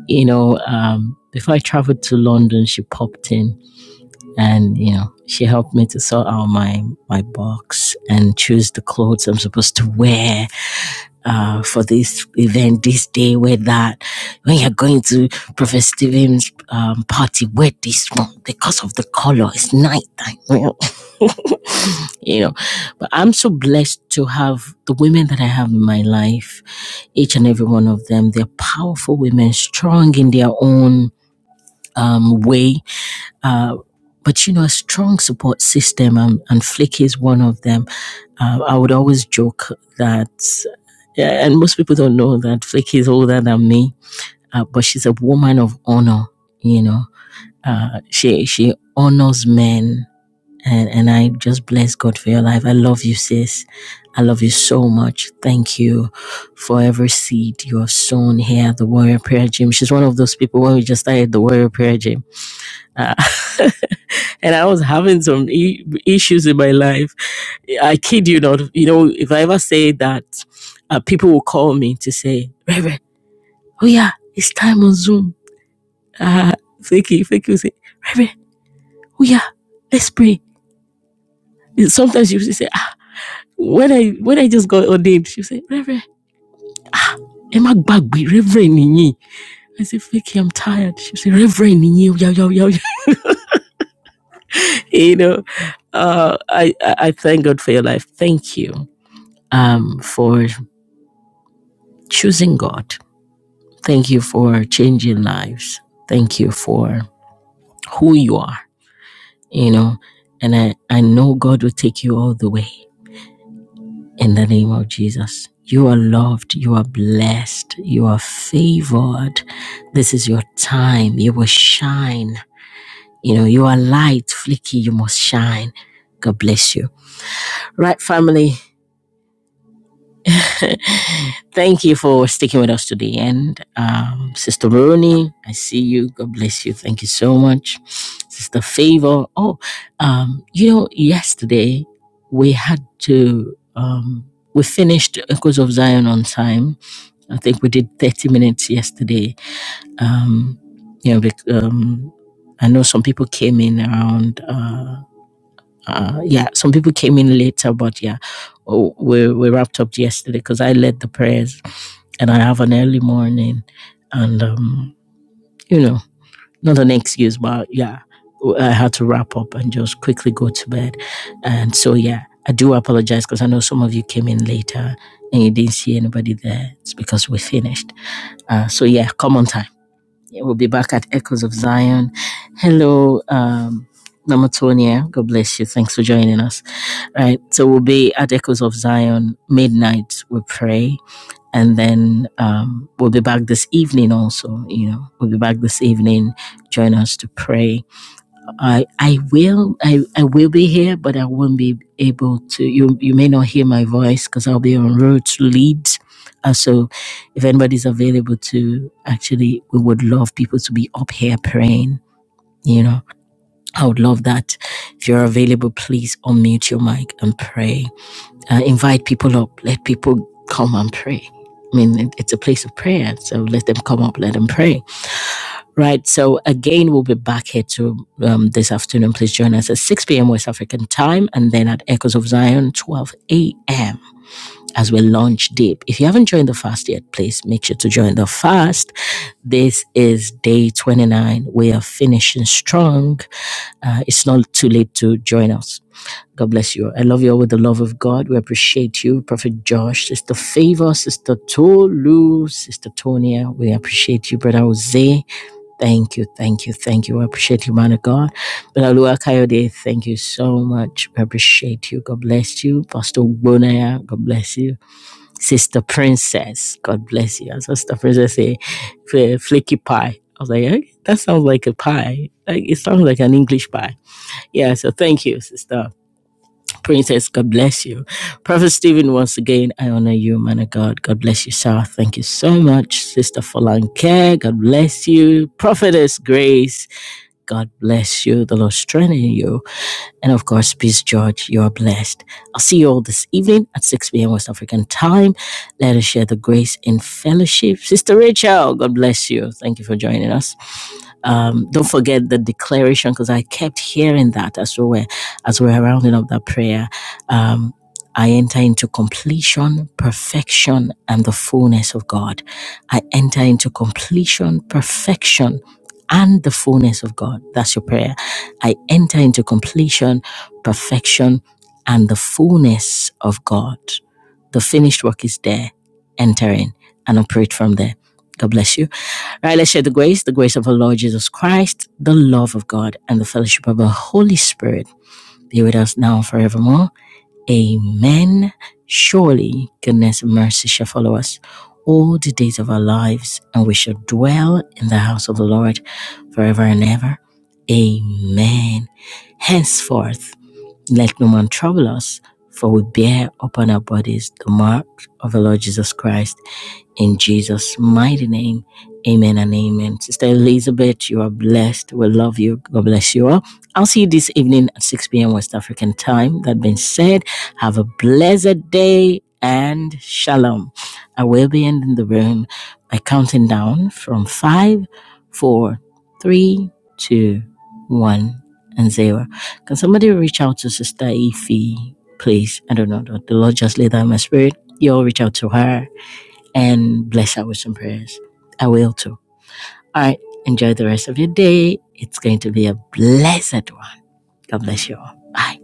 You know, um, before I traveled to London, she popped in and you know she helped me to sort out my my box and choose the clothes I'm supposed to wear uh, for this event, this day, wear that. When you're going to Professor Stephen's um, party, wear this one because of the color. It's nighttime, you know. you know. But I'm so blessed to have the women that I have in my life. Each and every one of them, they're powerful women, strong in their own um, way uh, but you know, a strong support system, um, and Flick is one of them. Uh, I would always joke that, yeah, and most people don't know that Flick is older than me, uh, but she's a woman of honor. You know, uh, she she honors men, and and I just bless God for your life. I love you, sis. I love you so much. Thank you for every seed you have sown here at the Warrior Prayer Gym. She's one of those people when we just started the Warrior Prayer Gym. Uh, and I was having some I- issues in my life. I kid you not. You know, if I ever say that, uh, people will call me to say, Reverend, oh yeah, it's time on Zoom. Uh, Fakey, Fakey will say, Reverend, oh yeah, let's pray. Sometimes she you say, ah, when I when I just got ordained, she will say, Reverend, Emma Bagby, Reverend Nini. I say, Fakey, I'm tired. She will say, Reverend Nini, yo, yo, yo, yo. You know, uh, I, I I thank God for your life. Thank you um, for choosing God. Thank you for changing lives. Thank you for who you are, you know. And I, I know God will take you all the way in the name of Jesus. You are loved. You are blessed. You are favored. This is your time. You will shine. You know, you are light, flicky. You must shine. God bless you. Right, family. Thank you for sticking with us to the end. Um, Sister Rooney, I see you. God bless you. Thank you so much. Sister Favor. Oh, um, you know, yesterday we had to, um, we finished Echoes of Zion on time. I think we did 30 minutes yesterday. Um, you know, bec- um, I know some people came in around. Uh, uh, yeah, some people came in later, but yeah, oh, we we wrapped up yesterday because I led the prayers and I have an early morning, and um, you know, not an excuse, but yeah, I had to wrap up and just quickly go to bed, and so yeah, I do apologize because I know some of you came in later and you didn't see anybody there. It's because we finished. Uh, so yeah, come on time. Yeah, We'll be back at Echoes of Zion. Hello, um, Namatonia. God bless you. Thanks for joining us. Right. So we'll be at Echoes of Zion midnight. We pray, and then um, we'll be back this evening. Also, you know, we'll be back this evening. Join us to pray I I will I, I will be here, but I won't be able to. You you may not hear my voice because I'll be on road to Leeds. Uh, so, if anybody's available to actually, we would love people to be up here praying. You know, I would love that. If you're available, please unmute your mic and pray. Uh, invite people up. Let people come and pray. I mean, it- it's a place of prayer, so let them come up. Let them pray. Right. So again, we'll be back here to um, this afternoon. Please join us at 6 p.m. West African time and then at Echoes of Zion, 12 a.m. as we launch deep. If you haven't joined the fast yet, please make sure to join the fast. This is day 29. We are finishing strong. Uh, it's not too late to join us. God bless you. I love you all with the love of God. We appreciate you, Prophet Josh, Sister Favor, Sister Tolu, Sister Tonia. We appreciate you, Brother Jose. Thank you, thank you, thank you. I appreciate you, man of God. Belalua Kayode, thank you so much. We appreciate you. God bless you. Pastor Bonaya, God bless you. Sister Princess, God bless you. And Sister Princess say, "Fl- flaky pie. I was like, eh, that sounds like a pie. Like, it sounds like an English pie. Yeah, so thank you, Sister Princess. God bless you. Prophet Stephen, once again, I honor you, man of God. God bless you, sir. Thank you so much. Sister Falanke, God bless you. Prophetess Grace, God bless you. The Lord strengthen you. And of course, peace, George. You are blessed. I'll see you all this evening at 6 p.m. West African time. Let us share the grace in fellowship. Sister Rachel, God bless you. Thank you for joining us. Um, don't forget the declaration because I kept hearing that as we were as we were rounding up that prayer. Um, I enter into completion, perfection, and the fullness of God. I enter into completion, perfection, and the fullness of God. That's your prayer. I enter into completion, perfection, and the fullness of God. The finished work is there. Enter in and operate from there. God bless you. All right, let's share the grace, the grace of our Lord Jesus Christ, the love of God, and the fellowship of the Holy Spirit be with us now and forevermore. Amen. Surely goodness and mercy shall follow us all the days of our lives, and we shall dwell in the house of the Lord forever and ever. Amen. Henceforth, let no man trouble us, for we bear upon our bodies the mark of the Lord Jesus Christ. In Jesus' mighty name, amen and amen. Sister Elizabeth, you are blessed. We love you. God bless you all. I'll see you this evening at 6 p.m. West African time. That being said, have a blessed day and shalom. I will be ending the room by counting down from five, four, three, two, one, and zero. Can somebody reach out to Sister Ify, please? I don't know. The Lord just laid down my spirit. You all reach out to her and bless her with some prayers. I will too. All right. Enjoy the rest of your day. It's going to be a blessed one. God bless you all. Bye.